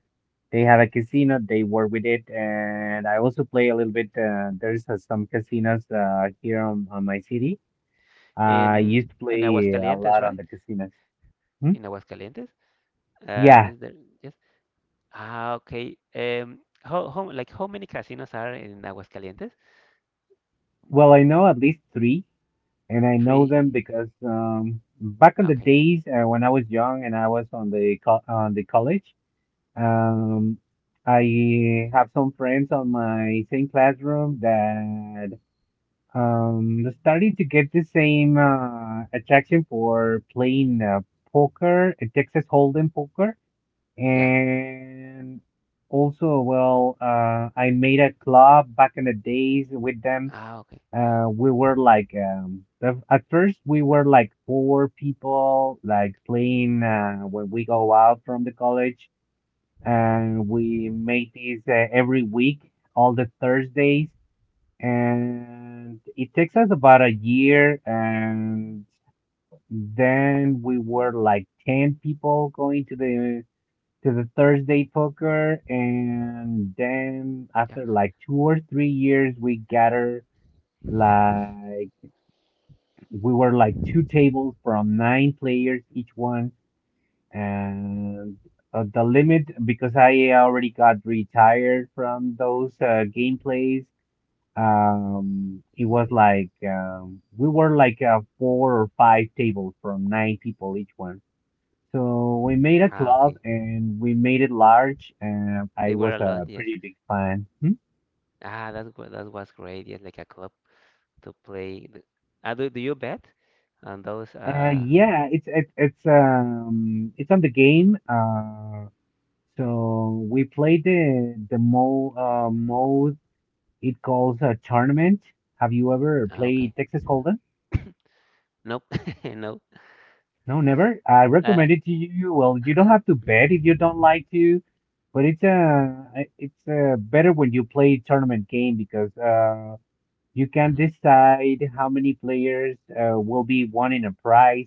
Speaker 2: They have a casino. They work with it, and I also play a little bit. There's some casinos here on my city. I
Speaker 1: in
Speaker 2: used to
Speaker 1: in
Speaker 2: play a
Speaker 1: Aguascalientes,
Speaker 2: lot on
Speaker 1: right?
Speaker 2: the casinos. Hmm?
Speaker 1: In Aguascalientes,
Speaker 2: Yeah,
Speaker 1: is there? Yes. Ah, okay. How, like how many casinos are in Aguascalientes?
Speaker 2: well, I know at least three, and I know
Speaker 1: Three.
Speaker 2: them because back in the
Speaker 1: Okay.
Speaker 2: days, when I was young and I was on the co on the college, um, I have some friends on my same classroom that started to get the same attraction for playing poker, Texas Hold'em poker.
Speaker 1: Yeah.
Speaker 2: And also, well, I made a club back in the days with them.
Speaker 1: Ah, okay.
Speaker 2: We were like the, At first we were like four people like playing when we go out from the college, and we made this every week, all the Thursdays. And it takes us about a year, and then we were like 10 people going to the Thursday poker. And then
Speaker 1: Yeah.
Speaker 2: after like 2 or 3 years, we gather, like, we were like two tables from nine players each one. And the limit, because I already got retired from those gameplays, it was like we were like four or five tables from nine people each one. So we made a
Speaker 1: Ah,
Speaker 2: club
Speaker 1: okay.
Speaker 2: and we made it large, and I
Speaker 1: They were
Speaker 2: was
Speaker 1: a lot.
Speaker 2: a
Speaker 1: Yes.
Speaker 2: pretty big fan. Hmm?
Speaker 1: Ah, that that was great. Yes, like a club. To play. The, do you bet on those?
Speaker 2: uh yeah it's on the game. So we played the mo mode, it calls a tournament. Have you ever
Speaker 1: Ah,
Speaker 2: played
Speaker 1: okay.
Speaker 2: Texas Hold'em?
Speaker 1: <coughs> Nope. <laughs> No.
Speaker 2: No, never. I
Speaker 1: Uh,
Speaker 2: recommend it to you. Well, you don't have to bet if you don't like to, but it's a it's better when you play tournament game, because you can
Speaker 1: mhm.
Speaker 2: decide how many players will be wanting a prize,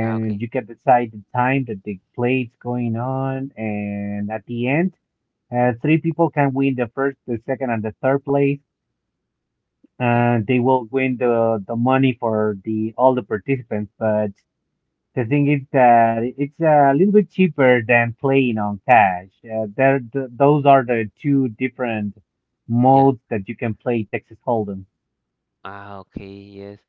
Speaker 1: Ah, okay.
Speaker 2: you can decide the time that the play's going on. And at the end, three people can win the first, the second, and the third place.
Speaker 1: Yeah.
Speaker 2: And they will win the money for the all the participants. But the thing is that it's a little bit cheaper than playing on cash. Those are the two different
Speaker 1: Yeah.
Speaker 2: modes that you can play Texas Hold'em.
Speaker 1: Ah, okay. Yes.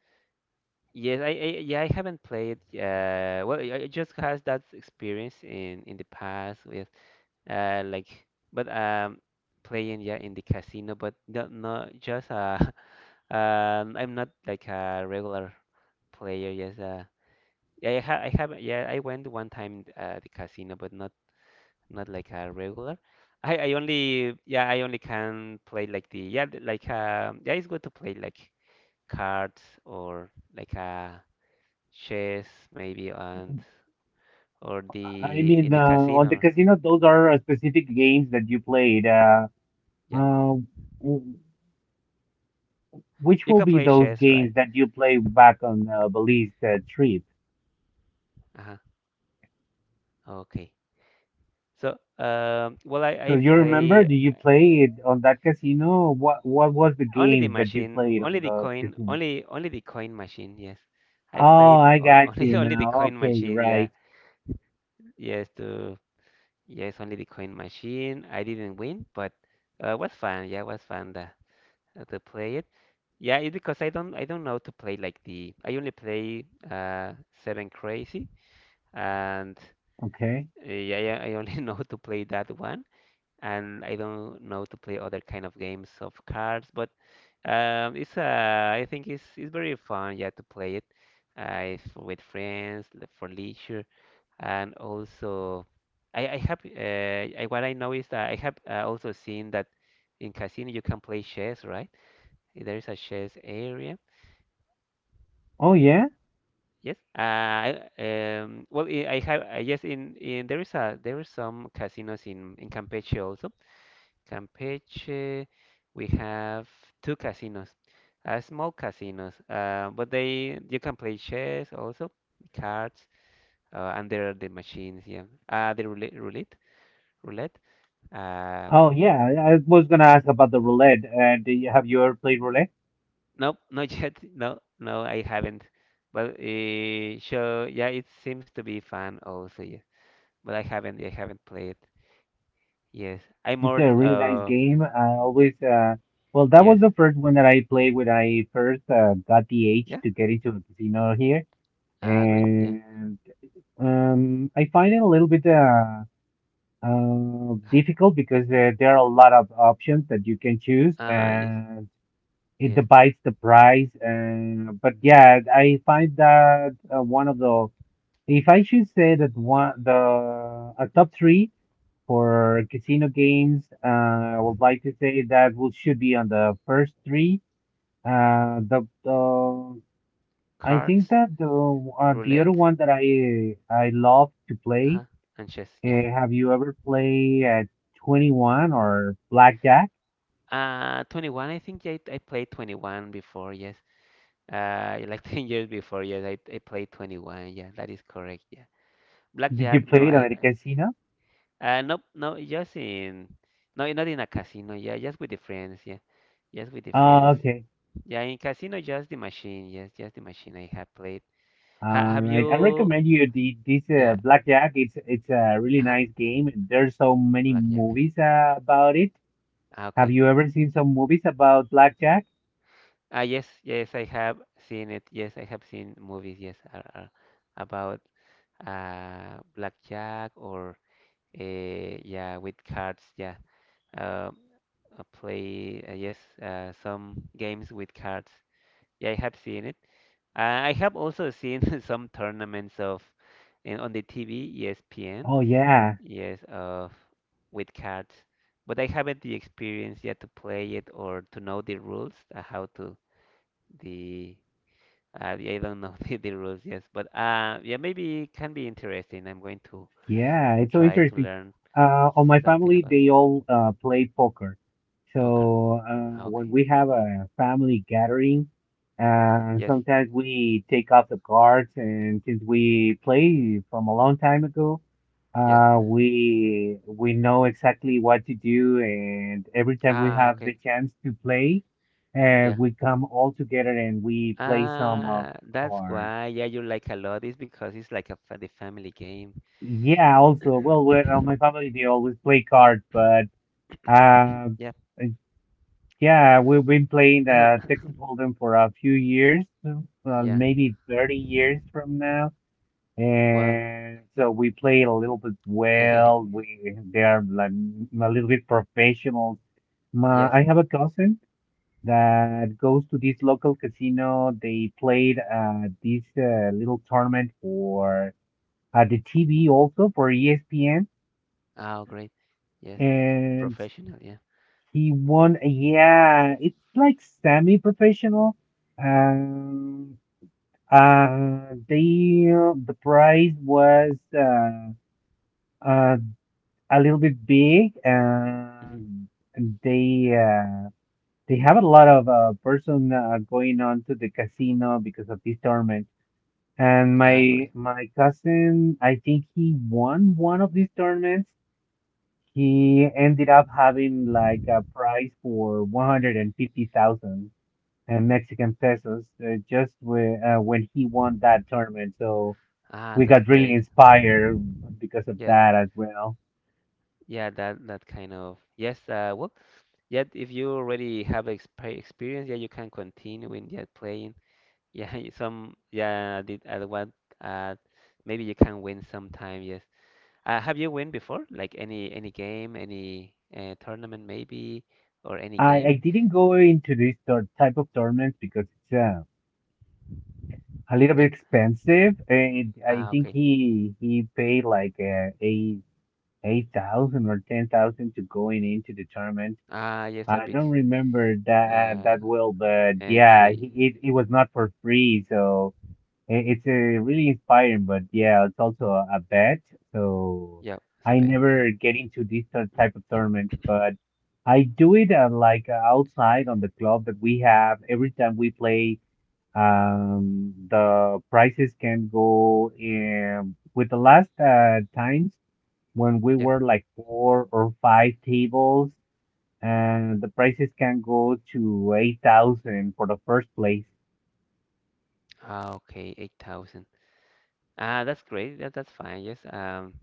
Speaker 1: Yes. I yeah. I haven't played. Well, I just has that experience in the past with uh like, but playing, yeah, in the casino, but not, not just <laughs> I'm not like a regular player. Yes. Yeah, yeah, I went one time the casino, but not not like a regular. Yeah, I only can play like the, yeah, the- like yeah, it's good to play like cards or like chess maybe, and or
Speaker 2: I
Speaker 1: the in
Speaker 2: mean,
Speaker 1: the
Speaker 2: on the
Speaker 1: casino.
Speaker 2: casino, those are specific games that you played.
Speaker 1: Yeah,
Speaker 2: Uh, w- which
Speaker 1: you
Speaker 2: will
Speaker 1: can
Speaker 2: be
Speaker 1: play
Speaker 2: those
Speaker 1: chess,
Speaker 2: games
Speaker 1: right?
Speaker 2: that you play back on Belize trip?
Speaker 1: Uh-huh. Okay. So, well,
Speaker 2: So
Speaker 1: I
Speaker 2: you remember?
Speaker 1: play
Speaker 2: Do you play it on that casino? What was the
Speaker 1: only the
Speaker 2: games that you
Speaker 1: machine,
Speaker 2: played
Speaker 1: only
Speaker 2: on
Speaker 1: the
Speaker 2: the
Speaker 1: coin,
Speaker 2: casino?
Speaker 1: only only the coin machine. Yes, I
Speaker 2: Oh,
Speaker 1: played
Speaker 2: I
Speaker 1: on, <laughs>
Speaker 2: got
Speaker 1: only
Speaker 2: you
Speaker 1: only the
Speaker 2: now.
Speaker 1: coin
Speaker 2: Okay, you're
Speaker 1: machine. Yeah.
Speaker 2: right.
Speaker 1: Yes, to, yes, only the coin machine. I didn't win, but it was fun. Yeah, it was fun to play it. Yeah, it's because I don't know to play like the, I only play Seven Crazy, and
Speaker 2: Okay.
Speaker 1: yeah, yeah, I only <laughs> know to play that one, and I don't know to play other kind of games of cards, but it's I think it's very fun, yeah, to play it if with friends, for leisure, and also, what I know is that I have also seen that in casino you can play chess, right? There is a chess area.
Speaker 2: Oh yeah.
Speaker 1: Yes. I have yes. In there is some casinos in Campeche also. Campeche, we have two casinos, small casinos. But they you can play chess also, cards, and there are the machines. Yeah. The roulette, roulette, roulette. Uh,
Speaker 2: Oh yeah. I was gonna ask about the roulette. Have you ever played roulette?
Speaker 1: Nope, <laughs> not yet. No, no, I haven't. But so yeah, it seems to be fun also, yes. But I haven't played. Yes, I'm
Speaker 2: It's
Speaker 1: more.
Speaker 2: a really nice game. I always well, that was
Speaker 1: Yes,
Speaker 2: the first one that I played when I first got the age
Speaker 1: yeah.
Speaker 2: to get into a casino here.
Speaker 1: Ah, great. Yeah.
Speaker 2: And I find it a little bit
Speaker 1: Ha-
Speaker 2: difficult because there are a lot of options that you can choose,
Speaker 1: Ah, yes,
Speaker 2: and it
Speaker 1: yes.
Speaker 2: divides the price. And but yeah, I find that one of the if I should say that one the a top three for casino games, I would like to say that will should be on the first three. The I think
Speaker 1: Cards,
Speaker 2: that the other
Speaker 1: roulette,
Speaker 2: one that I love to play.
Speaker 1: uh-huh, and chess. Yeah.
Speaker 2: Have you ever played at 21 or blackjack?
Speaker 1: 21. I think yeah, I played 21 before. Yes. Like <laughs> 10 years before. Yes, I played 21. Yeah, that is correct. Yeah.
Speaker 2: Did you
Speaker 1: Blackjack. No,
Speaker 2: play it
Speaker 1: I
Speaker 2: at a casino?
Speaker 1: Nope, no, no, not in a casino. Yeah, just with the friends. Yeah, just with the
Speaker 2: Oh,
Speaker 1: friends.
Speaker 2: okay.
Speaker 1: Yeah, in casino, just the machine. Yes, just the machine I have played. Ha
Speaker 2: All
Speaker 1: Have
Speaker 2: right. I
Speaker 1: you?
Speaker 2: recommend you the this
Speaker 1: Yeah,
Speaker 2: blackjack. It's a really
Speaker 1: uh-huh,
Speaker 2: nice game, and there's so many
Speaker 1: blackjack.
Speaker 2: movies about it.
Speaker 1: Ah,
Speaker 2: Have
Speaker 1: okay.
Speaker 2: you ever seen some movies about blackjack?
Speaker 1: Ah, yes, yes, I have seen it. Yes, I have seen movies. Yes, about blackjack or uh yeah with cards. Yeah, um, play. Yes, some games with cards. Yeah, I have seen it. I have also seen <laughs> some tournaments of in on the TV, ESPN,
Speaker 2: Oh yeah.
Speaker 1: yes, of with cards, but I haven't the experience yet to play it or to know the rules, how to the I don't know <laughs> the rules, yes, but yeah, maybe it can be interesting. I'm going to
Speaker 2: Yeah, it's so
Speaker 1: try to
Speaker 2: interesting.
Speaker 1: learn
Speaker 2: On my
Speaker 1: something
Speaker 2: family,
Speaker 1: about
Speaker 2: they all play poker.
Speaker 1: poker.
Speaker 2: So
Speaker 1: Ah,
Speaker 2: uh, when
Speaker 1: okay,
Speaker 2: we have a family gathering,
Speaker 1: yes,
Speaker 2: sometimes we take out the cards, and since we play from a long time ago,
Speaker 1: yes.
Speaker 2: we know exactly what to do, and every time we
Speaker 1: Ah,
Speaker 2: have the
Speaker 1: okay,
Speaker 2: chance to play,
Speaker 1: yeah.
Speaker 2: we come all together and we play some
Speaker 1: Ah, that's
Speaker 2: cards.
Speaker 1: why, yeah, you like a lot is because it's like a fa the family game.
Speaker 2: Yeah, also, well, my family they always play cards,
Speaker 1: <coughs>
Speaker 2: but um,
Speaker 1: Yeah.
Speaker 2: uh, yeah, we've been playing
Speaker 1: <coughs>
Speaker 2: Texas Hold'em for a few years,
Speaker 1: Yeah.
Speaker 2: maybe 30 years from now.
Speaker 1: Wow.
Speaker 2: And so we play it a little bit
Speaker 1: <laughs> Hehehe.
Speaker 2: well. We They are like a little bit professional.
Speaker 1: Yes.
Speaker 2: I have a cousin that goes to this local casino. They played this little tournament for the TV also for ESPN
Speaker 1: Oh, great. Yes.
Speaker 2: and
Speaker 1: Professional. Yeah.
Speaker 2: he won. Yeah, it's like semi-professional. Um, they the prize was uh, uh a little bit big,
Speaker 1: Hmm.
Speaker 2: and they uh they have a lot of person going on to the casino because of this tournament. And
Speaker 1: Ah, great.
Speaker 2: my cousin, I think he won one of these tournaments. He ended up having like a prize for 150,000 Mexican pesos just when he won that tournament. So
Speaker 1: Ah,
Speaker 2: we
Speaker 1: that's
Speaker 2: got really
Speaker 1: great.
Speaker 2: inspired because of
Speaker 1: Yes.
Speaker 2: that as well.
Speaker 1: Yeah, that that kind of. Yes. Well, yet if you already have experience, yeah, you can continue in yeah, playing. Yeah, <laughs> some. Yeah, I did at what? Uh, Maybe you can win sometime. Yes. Have you win before? Like any game, any tournament maybe, or any
Speaker 2: I
Speaker 1: game?
Speaker 2: didn't go into this type of tournament because it's a little
Speaker 1: Yep.
Speaker 2: bit expensive. And I
Speaker 1: Ah,
Speaker 2: think
Speaker 1: okay.
Speaker 2: he paid like eight thousand or 10,000 to going into the tournament.
Speaker 1: Ah, yes, a
Speaker 2: I don't
Speaker 1: big
Speaker 2: remember that
Speaker 1: uh
Speaker 2: that well, but yeah,
Speaker 1: entry.
Speaker 2: it was not for free, so it's a really inspiring. But yeah, it's also a bet, so
Speaker 1: Yep, it's a
Speaker 2: I
Speaker 1: bet. Yeah.
Speaker 2: never get into these type of tournaments, but
Speaker 1: <clears throat>
Speaker 2: I do it like outside on the club that we have. Every time we play, the prices can go with the last times when we
Speaker 1: Yep. <coughs>
Speaker 2: were like four or five tables and the prices can go to 8,000 for the first place.
Speaker 1: Ah, okay, 8,000. Ah, that's great. That, that's fine. Yes.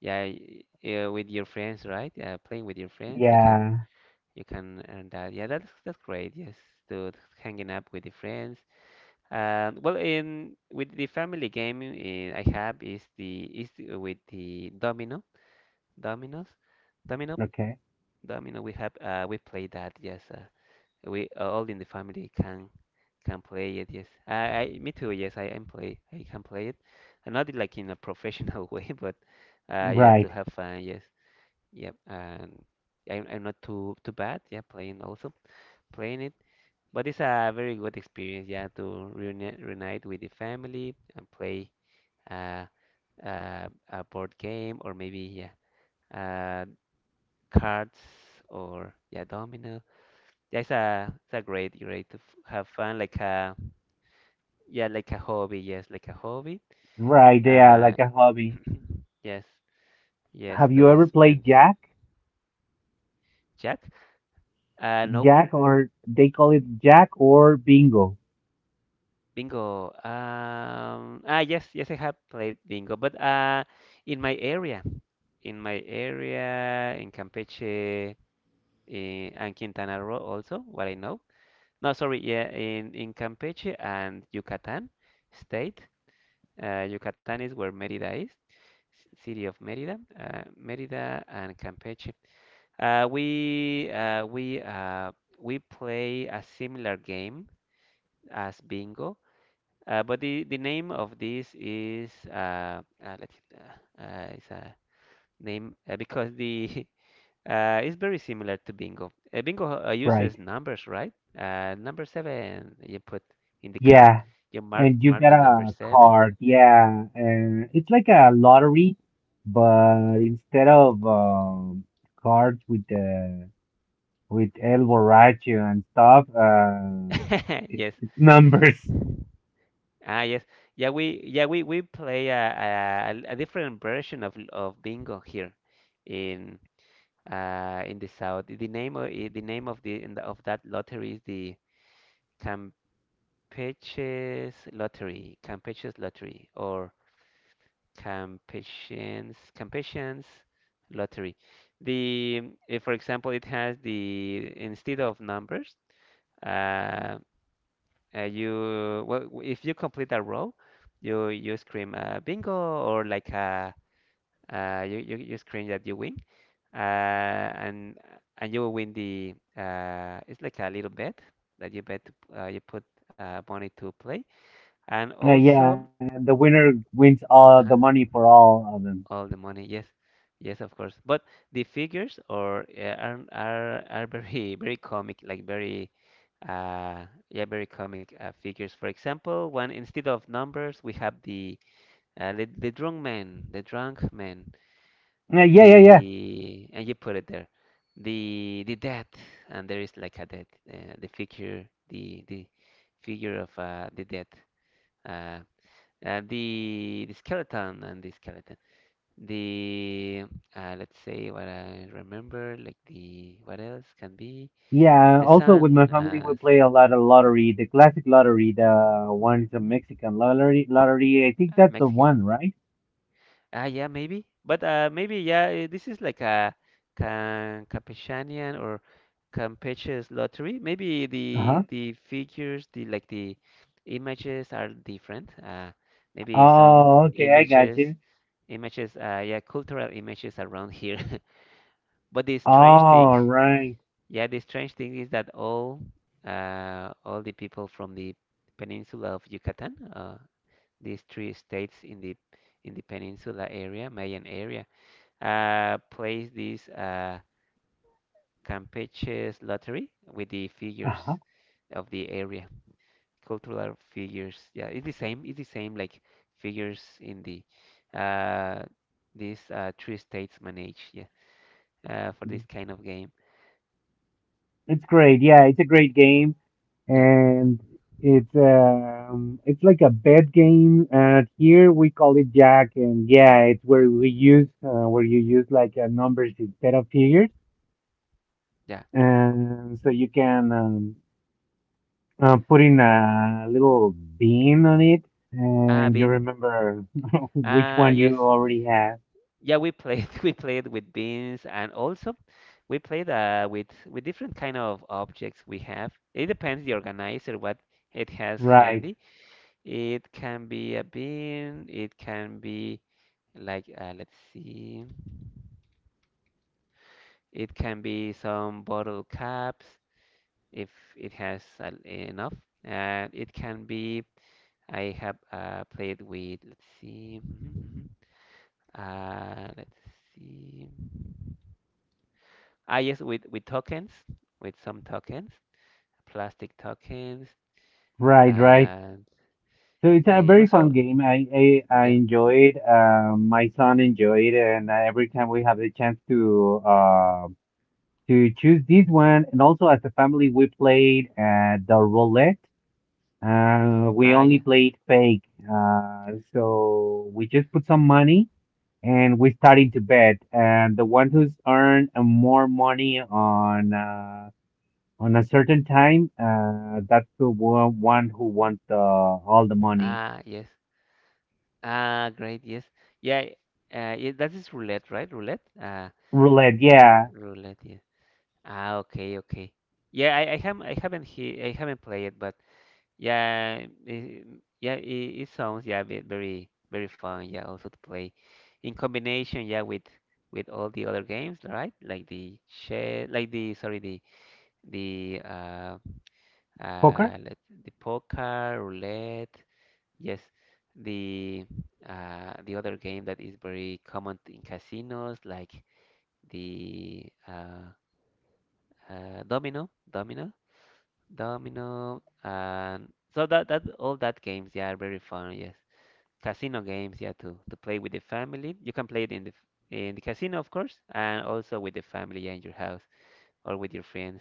Speaker 1: Yeah, yeah, with your friends, right? Playing with your friends,
Speaker 2: Yeah,
Speaker 1: you can earn that. Yeah, that's great. Yes, to hanging up with the friends. Well, in with the family game I have is with the domino, dominoes, domino,
Speaker 2: okay.
Speaker 1: domino. We have we play that. Yes, we all in the family can play it. Yes, I me too. Yes, I am play. I can play it, and not like in a professional <laughs> way, but yeah, to
Speaker 2: Right.
Speaker 1: have fun. Yes, yep. And I'm not too too bad. Yeah, playing also playing it, but it's a very good experience. Yeah, to reunite with the family and play uh, a board game or maybe yeah uh, cards or yeah domino. Yeah, it's a great great to have fun like Yeah, like a hobby. Yes, like a hobby.
Speaker 2: Right, they are
Speaker 1: Uh,
Speaker 2: like a hobby.
Speaker 1: <clears throat> yes, yes,
Speaker 2: Have you
Speaker 1: to
Speaker 2: ever played
Speaker 1: spend.
Speaker 2: Jack?
Speaker 1: Jack? No,
Speaker 2: Jack or they call it Jack or Bingo.
Speaker 1: bingo. Ah, yes, yes, I have played bingo, but in my area, in my area, in Campeche, and Quintana Roo also, what I know. No, sorry, yeah, in Campeche and Yucatan state. Yucatan is where Mérida is, city of Mérida, Mérida and Campeche. Uh, we uh, we uh, we play a similar game as bingo, but the name of this is let's see, it's a name because the <laughs> it's very similar to bingo. Bingo uses
Speaker 2: Right.
Speaker 1: numbers, right? Number seven you put in the card,
Speaker 2: Yeah.
Speaker 1: you
Speaker 2: And you
Speaker 1: mark
Speaker 2: get
Speaker 1: the number
Speaker 2: a
Speaker 1: seven.
Speaker 2: card. Yeah, and it's like a lottery, but instead of cards with El Borracho and stuff,
Speaker 1: <laughs>
Speaker 2: it,
Speaker 1: Yes.
Speaker 2: it's <laughs> numbers.
Speaker 1: Ah, yes. Yeah, we yeah we play a different version of bingo here in. In the south. The name of the name of the of that lottery is the Campeches Lottery, Campeches Lottery, or Campesians Campesians Lottery. The if, for example, it has the instead of numbers, uh, you well, if you complete a row, you scream bingo or like you, you scream that you win. uh, and and you will win the it's like a little bet that you bet to, you put money to play and also
Speaker 2: Yeah, the winner wins all
Speaker 1: uh
Speaker 2: the money for all of them.
Speaker 1: all the money yes yes of course but the figures or are very <laughs> very comic like very yeah very comic figures for example when instead of numbers we have the the drunk man the drunk man
Speaker 2: Yeah, yeah, yeah.
Speaker 1: the and you put it there the death and there is like a death the figure, the figure of the death uh, the skeleton and the skeleton the let's say what I remember like the what else can be
Speaker 2: Yeah,
Speaker 1: the
Speaker 2: also with my
Speaker 1: sun
Speaker 2: family we play a lot of lottery, the classic lottery, the one is a Mexican lottery. I think that's the
Speaker 1: Mexican
Speaker 2: one, right?
Speaker 1: Ah, yeah, maybe. But maybe, yeah, this is like a Campechanian or Campeche's lottery. Maybe
Speaker 2: Uh-huh.
Speaker 1: the figures, the like the images are different. Maybe some
Speaker 2: Oh, okay, I got
Speaker 1: images,
Speaker 2: you.
Speaker 1: images, yeah, cultural images around here. <laughs> But the strange thing,
Speaker 2: All right.
Speaker 1: yeah, the strange thing is that all the people from the peninsula of Yucatan, these three states in the peninsula area, Mayan area plays this Campeche's lottery with the figures
Speaker 2: Uh-huh.
Speaker 1: of the area, cultural figures. Yeah, it's the same. It's the same like figures in the uh, these three states manage. Yeah, for this kind of game.
Speaker 2: It's great. Yeah, it's a great game,
Speaker 1: Yeah,
Speaker 2: and it's like a bed game. Here we call it Jack, and yeah, it's where we use where you use like numbers instead of figures,
Speaker 1: yeah.
Speaker 2: and so you can put in a little bean on it,
Speaker 1: Ah,
Speaker 2: and you
Speaker 1: Bing.
Speaker 2: remember <laughs> which
Speaker 1: Ah,
Speaker 2: one you
Speaker 1: yes.
Speaker 2: already have.
Speaker 1: Yeah, we played. <laughs> We played with beans, and also we played with different kind of objects we have. It depends the organizer what it has
Speaker 2: Right,
Speaker 1: handy. It can be a bean, it can be like let's see, it can be some bottle caps if it has enough, and it can be I have played with let's see, <laughs> uh, let's see, ah yes with tokens, with some tokens, plastic tokens,
Speaker 2: right, right.
Speaker 1: and
Speaker 2: So it's a
Speaker 1: it
Speaker 2: very
Speaker 1: was
Speaker 2: fun
Speaker 1: all
Speaker 2: game. I
Speaker 1: yeah
Speaker 2: enjoy it. My son enjoy it, and every time we have the chance to choose this one, and also as a family, we played the roulette. We
Speaker 1: ah
Speaker 2: only
Speaker 1: yeah
Speaker 2: played fake. So we just put some money and we started to bet, and the one who's earned more money on a certain time, that's the one who wants all the money.
Speaker 1: ah yes Ah, great, yes. Yeah, yeah, that is roulette, right? Roulette?
Speaker 2: Roulette, yeah.
Speaker 1: Roulette, yeah. Ah, okay, okay. Yeah, I have I haven't he I haven't played it, but yeah, it, yeah, it sounds yeah very very fun. Yeah, also to play in combination, yeah, with all the other games, right? Like the sorry, the uh
Speaker 2: Poker?
Speaker 1: uh let, the poker, roulette. Yes, the the other game that is very common in casinos, like the domino, domino, domino, and so that all that games, yeah, are very fun. Yes, casino games, yeah, to play with the family. You can play it in the casino, of course, and also with the family, yeah, in your house or with your friends.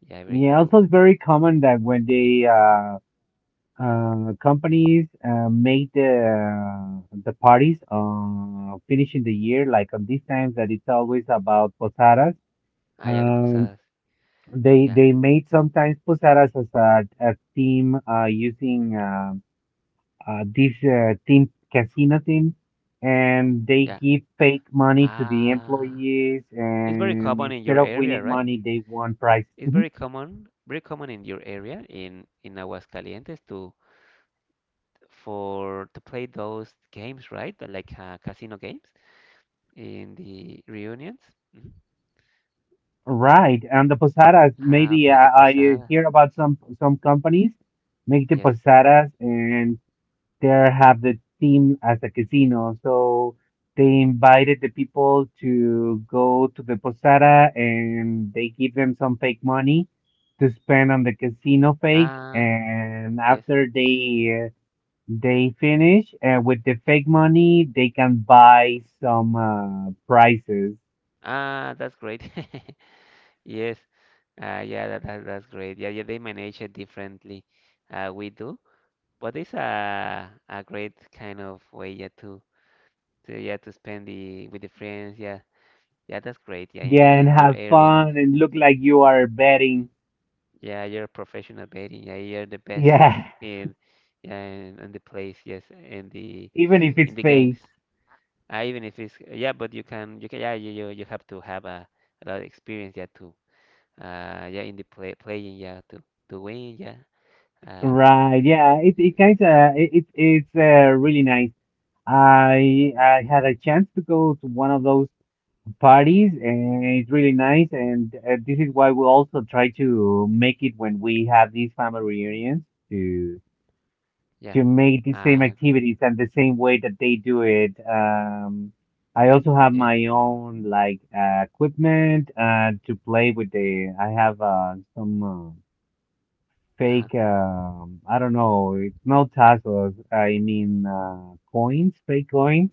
Speaker 1: Yeah, very
Speaker 2: Yeah, also
Speaker 1: cool.
Speaker 2: it's very common that when they companies make the parties finishing the year, like on these times that it's always about posadas.
Speaker 1: Ah, yeah, the
Speaker 2: Um,
Speaker 1: posadas.
Speaker 2: they
Speaker 1: Yeah,
Speaker 2: they made sometimes posadas as a theme using this theme casino theme, and they
Speaker 1: yeah.
Speaker 2: give fake money to the
Speaker 1: Ah,
Speaker 2: employees,
Speaker 1: it's very
Speaker 2: and
Speaker 1: common in
Speaker 2: instead
Speaker 1: your
Speaker 2: of
Speaker 1: area,
Speaker 2: winning
Speaker 1: right?
Speaker 2: money, they won prizes.
Speaker 1: It's
Speaker 2: Mm-hmm.
Speaker 1: very common in your area in Aguascalientes to for to play those games, right? Like casino games in the reunions. Mhm.
Speaker 2: Right, and the posadas.
Speaker 1: Ah,
Speaker 2: Maybe
Speaker 1: okay, the
Speaker 2: I
Speaker 1: posada.
Speaker 2: hear about some companies make the
Speaker 1: Yes.
Speaker 2: posadas, and there have the theme as a casino. So they invited the people to go to the posada, and they give them some fake money to spend on the casino fake.
Speaker 1: Ah,
Speaker 2: And
Speaker 1: yes.
Speaker 2: after they finish with the fake money, they can buy some prizes.
Speaker 1: Ah, that's great. <laughs> Yes. Yeah, that that's great. Yeah, yeah, they manage it differently. We do, but it's a great kind of way, yeah, to yeah to spend the with the friends. Yeah, yeah, that's great. Yeah, in
Speaker 2: Yeah,
Speaker 1: the
Speaker 2: and
Speaker 1: in your
Speaker 2: have
Speaker 1: area.
Speaker 2: fun and look like you are betting.
Speaker 1: Yeah, you're a professional betting. Yeah, you're the best
Speaker 2: Yeah,
Speaker 1: in yeah in the place. Yes,
Speaker 2: <laughs> even if it's
Speaker 1: in the games.
Speaker 2: fake.
Speaker 1: Even if it's yeah, but you can yeah you, you have to have a lot of experience yeah to yeah in the playing yeah to win yeah uh
Speaker 2: Right. Yeah, it kind of it it- it's really nice. I had a chance to go to one of those parties, and it's really nice, and this is why we also try to make it when we have these family reunions
Speaker 1: yeah
Speaker 2: to make the same
Speaker 1: great.
Speaker 2: activities and the same way that they do it. I also have
Speaker 1: Yes.
Speaker 2: my own like equipment to play with the. I have some
Speaker 1: Uh-huh.
Speaker 2: fake. I don't know. It's not tassels. I mean coins, fake coins.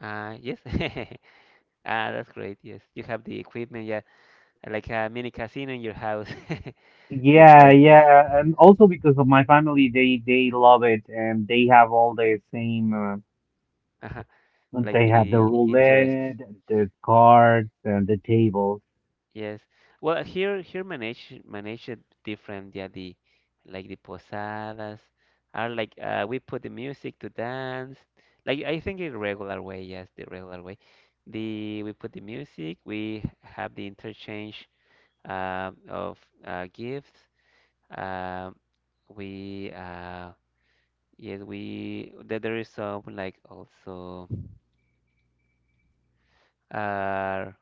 Speaker 1: Yes. <laughs> Ah, that's great, yes, you have the equipment yeah like a mini casino in your house. <laughs> To
Speaker 2: Yeah,
Speaker 1: play.
Speaker 2: yeah, and also because of my family, they love it, and they have all the same.
Speaker 1: Uh-huh. Like
Speaker 2: They have
Speaker 1: the
Speaker 2: the
Speaker 1: interests.
Speaker 2: roulette, the cards, and the tables.
Speaker 1: Yes. Well, here here manage manage it different. Yeah, the like the posadas are like we put the music to dance. Like I think in regular way, yes, the regular way. The we put the music. We have the interchange of gifts. Um, we yes we there is some like also uh,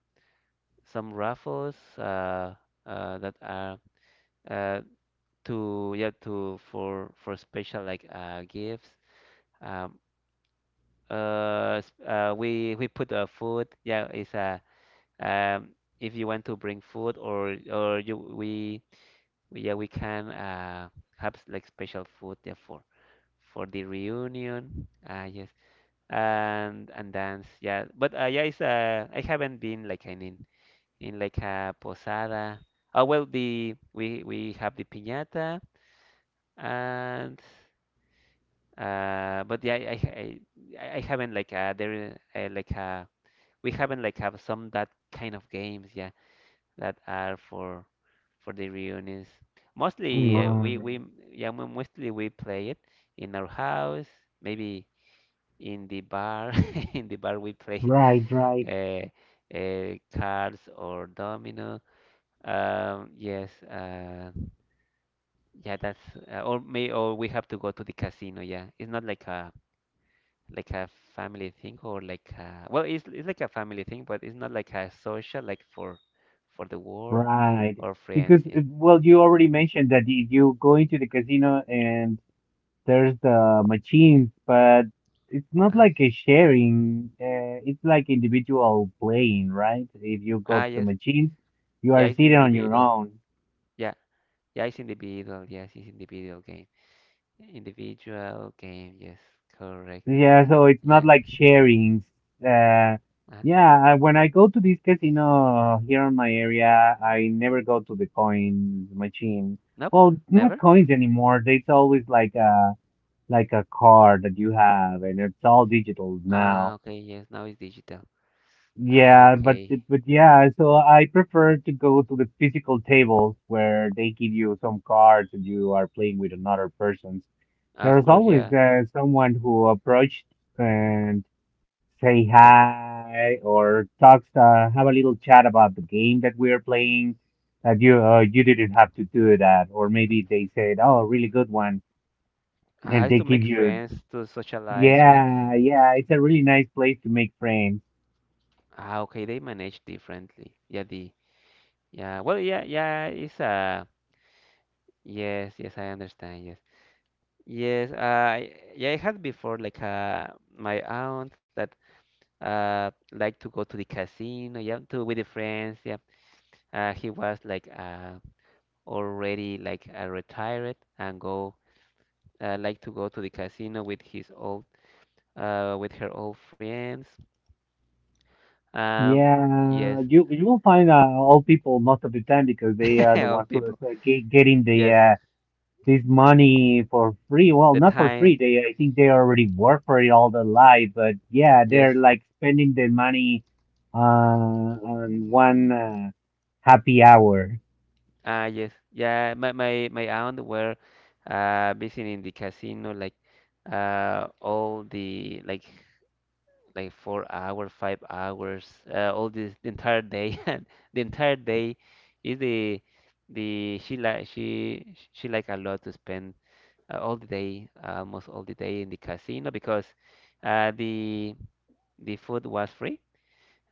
Speaker 1: some raffles that are. uh, to for special like gifts. Um uh, s- uh we we put food. Yeah it's um if you want to bring food, or you we- yeah we can have like special food, yeah, for the reunion. Yes, and dance, yeah, but yeah it's I haven't been like in, like a posada. Oh well, the we have the piñata. And but yeah, I haven't like there like we haven't have some that kind of games, yeah, that are for the reunions. Mostly we
Speaker 2: Mm.
Speaker 1: we yeah, mostly we play it in our house, maybe in the bar. <laughs> In the bar we play
Speaker 2: Right,
Speaker 1: <laughs>
Speaker 2: right,
Speaker 1: uh, cards or domino. Yes, yeah, that's or may or we have to go to the casino. Yeah, it's not like a like a family thing or like a, well it's like a family thing, but it's not like a social, like for the work
Speaker 2: right.
Speaker 1: or friends,
Speaker 2: Because,
Speaker 1: yeah.
Speaker 2: well, you already mentioned that you go into the casino, and there's the machines, but it's not
Speaker 1: Uh-huh,
Speaker 2: like a sharing. It's like individual playing, right? If you go
Speaker 1: ah
Speaker 2: to the
Speaker 1: yes,
Speaker 2: machines, you
Speaker 1: yeah,
Speaker 2: are
Speaker 1: it's the
Speaker 2: sitting on your
Speaker 1: individual.
Speaker 2: own.
Speaker 1: Yeah, yeah, it's individual, yes, it's individual game, individual game, yes, correct.
Speaker 2: Yeah, so it's not
Speaker 1: Yeah.
Speaker 2: like sharings. Uh,
Speaker 1: Uh-huh.
Speaker 2: yeah, when I go to this casino here in my area, I never go to the coins machine.
Speaker 1: Nope.
Speaker 2: Well, not
Speaker 1: Never.
Speaker 2: coins anymore. It's always like a card that you have, and it's all digital now.
Speaker 1: Ah okay, yes, now it's digital. Ah
Speaker 2: Yeah, but
Speaker 1: okay,
Speaker 2: it- but yeah, so I prefer to go to the physical tables where they give you some cards and you are playing with another person.
Speaker 1: of
Speaker 2: There's
Speaker 1: course,
Speaker 2: always
Speaker 1: yeah,
Speaker 2: someone who approached and say
Speaker 1: yes.
Speaker 2: hi or talks, have a little chat about the game that we are playing. That you you didn't have to do that, or maybe they said, "Oh, really good one,"
Speaker 1: Ah,
Speaker 2: and
Speaker 1: it's
Speaker 2: they
Speaker 1: to
Speaker 2: give
Speaker 1: make
Speaker 2: you.
Speaker 1: friends, to socialize, right.
Speaker 2: Yeah, yeah, it's a really nice place to make friends.
Speaker 1: Ah okay, they manage differently, yeah, the yeah, well, yeah, yeah, it's yes, yes, I understand, yes. Yes, yeah, I had before like my aunt that liked to go to the casino, yeah, to with the friends, yeah. He was like already retired and go, like to go to the casino with his old, with her old friends. Um, yes,
Speaker 2: Yeah, you will find old people most of the time because they
Speaker 1: <laughs>
Speaker 2: are the
Speaker 1: old
Speaker 2: ones who are
Speaker 1: people.
Speaker 2: getting the
Speaker 1: Yes,
Speaker 2: this money for free. Well,
Speaker 1: the
Speaker 2: not for free.
Speaker 1: time.
Speaker 2: They I think they already work for it all their life, but yeah,
Speaker 1: Yes.
Speaker 2: they're like spending their money on one happy hour.
Speaker 1: Ah, yes. Yeah, my aunt were visiting the casino like all the like 4 hours, 5 hours, all this the entire day <laughs> and the entire day is the she like she like a lot to spend all the day, almost all the day in the casino because uh the the food was free.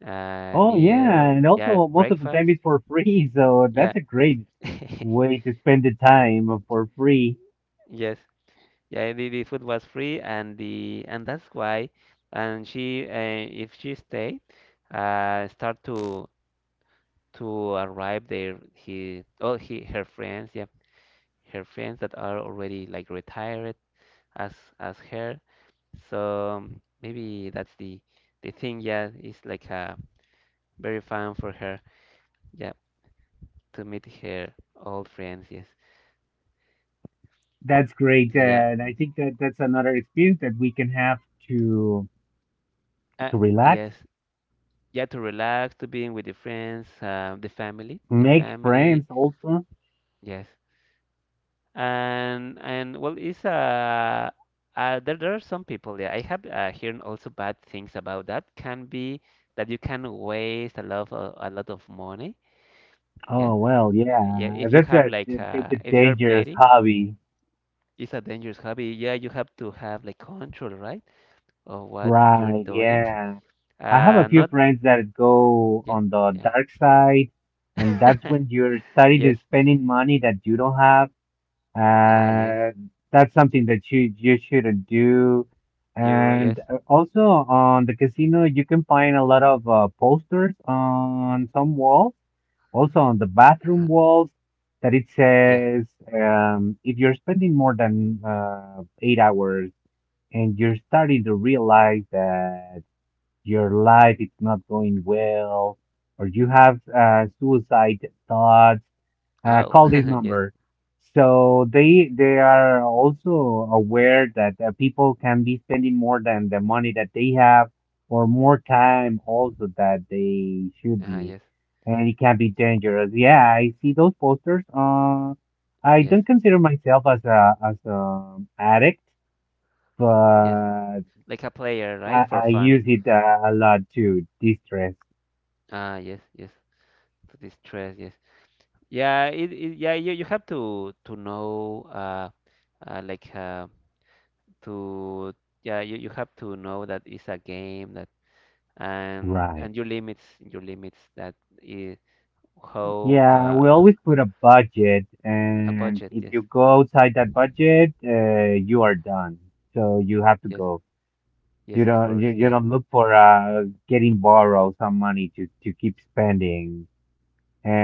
Speaker 2: Oh yeah,
Speaker 1: Meal,
Speaker 2: and
Speaker 1: yeah,
Speaker 2: also most of the time
Speaker 1: breakfast.
Speaker 2: it's for free, <laughs> so
Speaker 1: Yeah.
Speaker 2: that's a great
Speaker 1: <laughs>
Speaker 2: way to spend the time for free.
Speaker 1: Yes. Yeah, the food was free, and the and that's why, and she if she stay, start to arrive there. He, oh, he her friends, yeah, her friends that are already like retired as as her. So maybe that's the thing. Yeah, it's very fun for her. Yeah, to meet her old friends. Yes.
Speaker 2: That's great.
Speaker 1: Yeah.
Speaker 2: And I think that that's another experience that we can have to
Speaker 1: Uh,
Speaker 2: relax,
Speaker 1: yes. Yeah, to relax, to being with the friends, the family, the
Speaker 2: make
Speaker 1: family.
Speaker 2: friends also.
Speaker 1: Yes, and well, it's there there are some people. Yeah, I have heard also bad things about that. Can be that you can waste a lot of money. Yeah,
Speaker 2: Oh, well,
Speaker 1: yeah.
Speaker 2: yeah.
Speaker 1: If you
Speaker 2: That's
Speaker 1: have
Speaker 2: a, that's a
Speaker 1: if you're
Speaker 2: dangerous
Speaker 1: betting,
Speaker 2: hobby.
Speaker 1: it's a dangerous hobby. Yeah, you have to have like control, right, of what you're
Speaker 2: Right,
Speaker 1: doing.
Speaker 2: yeah. I have a few
Speaker 1: Not
Speaker 2: friends that go
Speaker 1: yeah,
Speaker 2: on the
Speaker 1: yeah.
Speaker 2: dark side, and that's
Speaker 1: <laughs>
Speaker 2: when you're starting
Speaker 1: Yes.
Speaker 2: to spending money that you don't have.
Speaker 1: Ah, yes.
Speaker 2: Uh, that's something that you shouldn't do.
Speaker 1: You,
Speaker 2: And
Speaker 1: yes.
Speaker 2: uh, also on the casino, you can find a lot of posters on some walls, also on the bathroom
Speaker 1: Uh,
Speaker 2: walls, that it
Speaker 1: yeah.
Speaker 2: says if you're spending more than 8 hours, and you're starting to realize that your life is not going well, or you have suicide thoughts,
Speaker 1: Oh,
Speaker 2: call this
Speaker 1: <laughs> yes.
Speaker 2: number. So they are also aware that people can be spending more than the money that they have, or more time also that they should
Speaker 1: Ah,
Speaker 2: be,
Speaker 1: yes.
Speaker 2: and it can be dangerous. Yeah, I see those posters. I
Speaker 1: Yes.
Speaker 2: don't consider myself as a addict,
Speaker 1: Yes.
Speaker 2: but
Speaker 1: Like a player, right?
Speaker 2: I,
Speaker 1: For
Speaker 2: I
Speaker 1: fun.
Speaker 2: use it a lot to distress.
Speaker 1: Ah, yes, yes. To distress, yes. Yeah, it yeah, you have to know, like to yeah, you have to know that it's a game that,
Speaker 2: Right.
Speaker 1: and your limits, your limits, that is how
Speaker 2: Yeah, we always put a budget,
Speaker 1: a
Speaker 2: and
Speaker 1: budget,
Speaker 2: if
Speaker 1: yes.
Speaker 2: you go outside that budget, you are done. So you have to
Speaker 1: Yes.
Speaker 2: go. You
Speaker 1: Yes, of
Speaker 2: don't
Speaker 1: course.
Speaker 2: you, you
Speaker 1: Yeah.
Speaker 2: don't look for getting borrow some money to keep spending.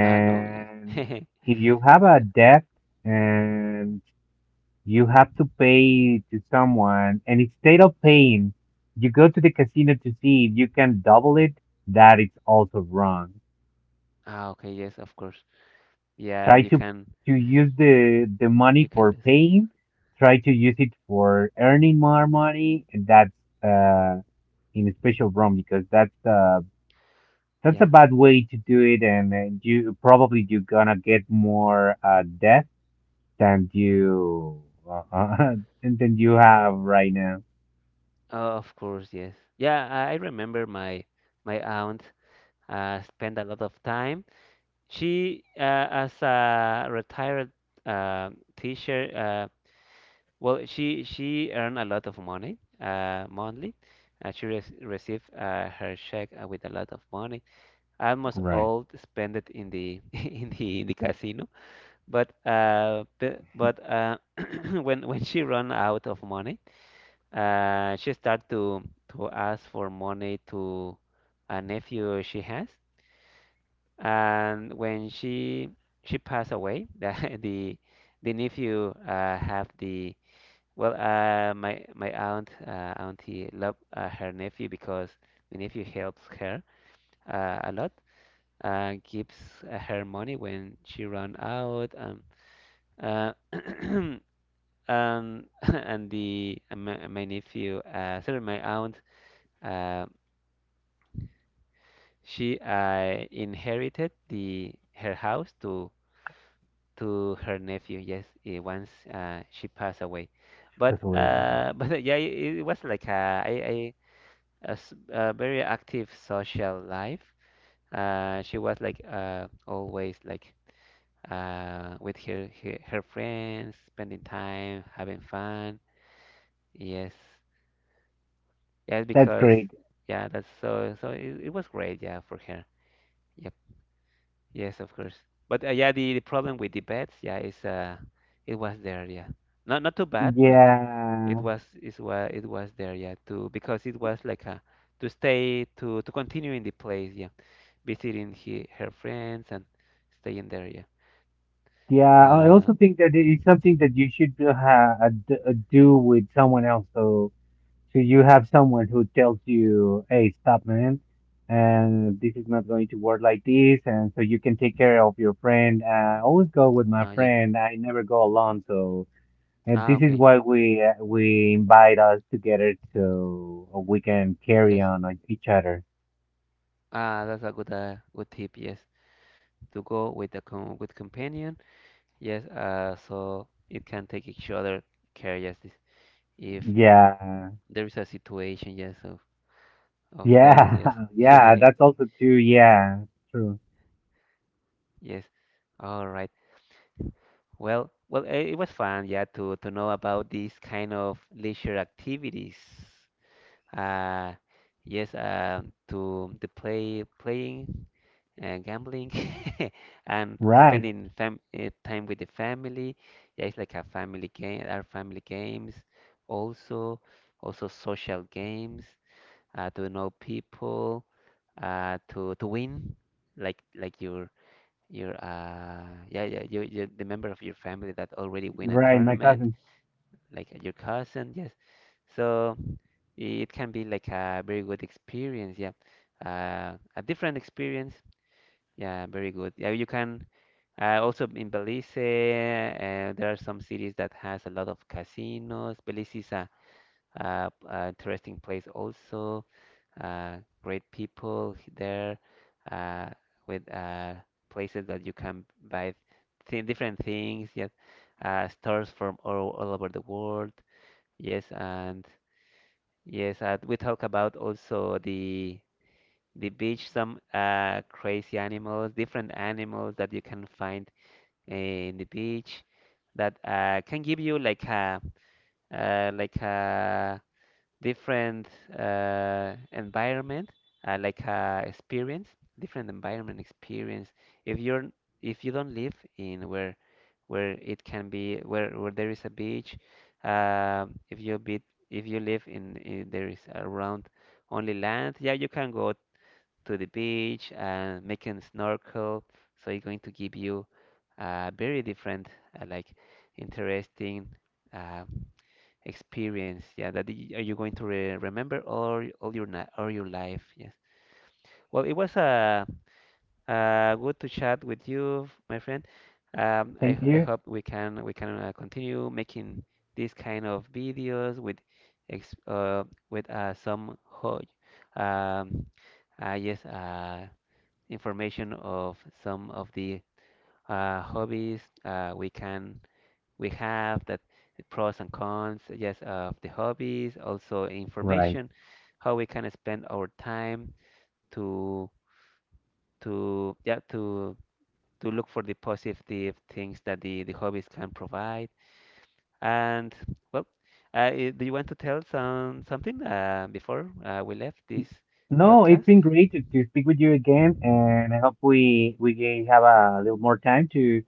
Speaker 1: Ah, no. Yes. <laughs>
Speaker 2: if you have a debt and you have to pay to someone, and instead of paying, you go to the casino to see if you can double it, that is also wrong.
Speaker 1: Ah, okay, yes, of course. Yeah,
Speaker 2: Try to use the
Speaker 1: you
Speaker 2: money
Speaker 1: can
Speaker 2: for
Speaker 1: lose.
Speaker 2: paying. Try to use it for earning more money, and that's uh in a special room, because that's a
Speaker 1: Yeah.
Speaker 2: bad way to do it. And you're gonna get more debt than you uh, <laughs> than you have right now.
Speaker 1: Oh, of course, yes. Yeah, I remember my my aunt spent a lot of time. She, as a retired uh, teacher, well, she earned a lot of money monthly. She re received her check with a lot of money. Almost
Speaker 2: Right.
Speaker 1: all spent it in the <laughs> in the casino. But <clears throat> when she ran out of money. She started to ask for money to a nephew she has, and when she passed away, <laughs> the, the nephew have the, well, my my aunt auntie love her nephew because the nephew helps her a lot, gives her money when she run out, uh, <clears throat> <laughs> and the my, my nephew, sorry, my aunt. Um, She inherited the her house to her nephew. Yes, once she passed away, but
Speaker 2: That's a way, I don't know.
Speaker 1: <laughs> but yeah, it was like a very active social life. She was always with her, her friends, spending time, having fun. Yes, yes,
Speaker 2: That's
Speaker 1: because
Speaker 2: great.
Speaker 1: yeah, that's so it was great. Yeah, for her. Yeah, yes, of course. But yeah, the problem with the beds, yeah, is it was there, yeah. Not not too bad, but
Speaker 2: Yeah.
Speaker 1: it was there, yeah. To because it was like a to stay to continue in the place, yeah. Visiting he, her friends, and staying there, yeah.
Speaker 2: Yeah, I
Speaker 1: Uh,
Speaker 2: also think that it's something that you should do with someone else, so. So you have someone who tells you, "Hey, stop, man, and this is not going to work like this," and so you can take care of your friend. I always go with my
Speaker 1: yep.
Speaker 2: friend. I never go alone. So. And
Speaker 1: Ah,
Speaker 2: This is
Speaker 1: okay.
Speaker 2: why we invite us together so we can carry
Speaker 1: Yes.
Speaker 2: on each other.
Speaker 1: Ah, that's a good good tip. Yes, to go with a com with companion. Yes. So it can take each other care. Yes, this, if
Speaker 2: Yeah,
Speaker 1: there is a situation. Yes. Of those,
Speaker 2: yeah,
Speaker 1: yes.
Speaker 2: <laughs> yeah. That's
Speaker 1: <laughs>
Speaker 2: also true. Yeah, true.
Speaker 1: Yes, all right, well well, it was fun, yeah, to know about these kind of leisure activities, uh yes, to the playing and gambling, <laughs> and
Speaker 2: Right,
Speaker 1: spending time with the family. Yeah, it's like a family game, our family games, also, also social games, to know people, to win, like your you, you the member of your family that already win a
Speaker 2: right. My
Speaker 1: tournament,
Speaker 2: cousin.
Speaker 1: like your cousin, yes, so it can be like a very good experience, yeah, a different experience. Yeah, very good, yeah, you can also in Belize there are some cities that has a lot of casinos. Belize is a interesting place also. Uh, great people there, uh, with places that you can buy th different things. Yes, stores from all over the world. Yes, and yes, we talk about also the beach, some crazy animals, different animals that you can find in the beach that can give you like a different environment, experience, different environment experience. If you're, if you don't live in where it can be, where there is a beach, if you be, if you live in there is around only land, yeah, you can go to the beach and make a snorkel. So it's going to give you a very different, uh, like interesting Uh, experience, yeah, that are you going to re remember all y- all your na all your life? Yes. Well, it was good to chat with you, my friend.
Speaker 2: Thank
Speaker 1: I
Speaker 2: you.
Speaker 1: hope we can continue making these kind of videos with ex with some ho um yes, information of some of the hobbies we can we have that pros and cons, yes, of the hobbies, also
Speaker 2: Right.
Speaker 1: information, how we can spend our time to to yeah to to look for the positive things that the hobbies can provide. And well, do you want to tell something before we left this
Speaker 2: No, it's
Speaker 1: podcast?
Speaker 2: been great to speak with you again, and I hope we can have a little more time to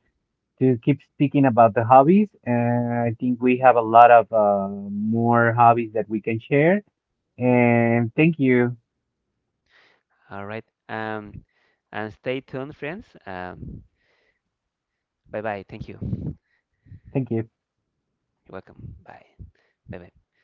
Speaker 2: keep speaking about the hobbies. And I think we have a lot of more hobbies that we can share. And thank you,
Speaker 1: All right. And stay tuned, friends. Bye bye. Thank you. You're
Speaker 2: thank you.
Speaker 1: welcome. Bye. Bye bye.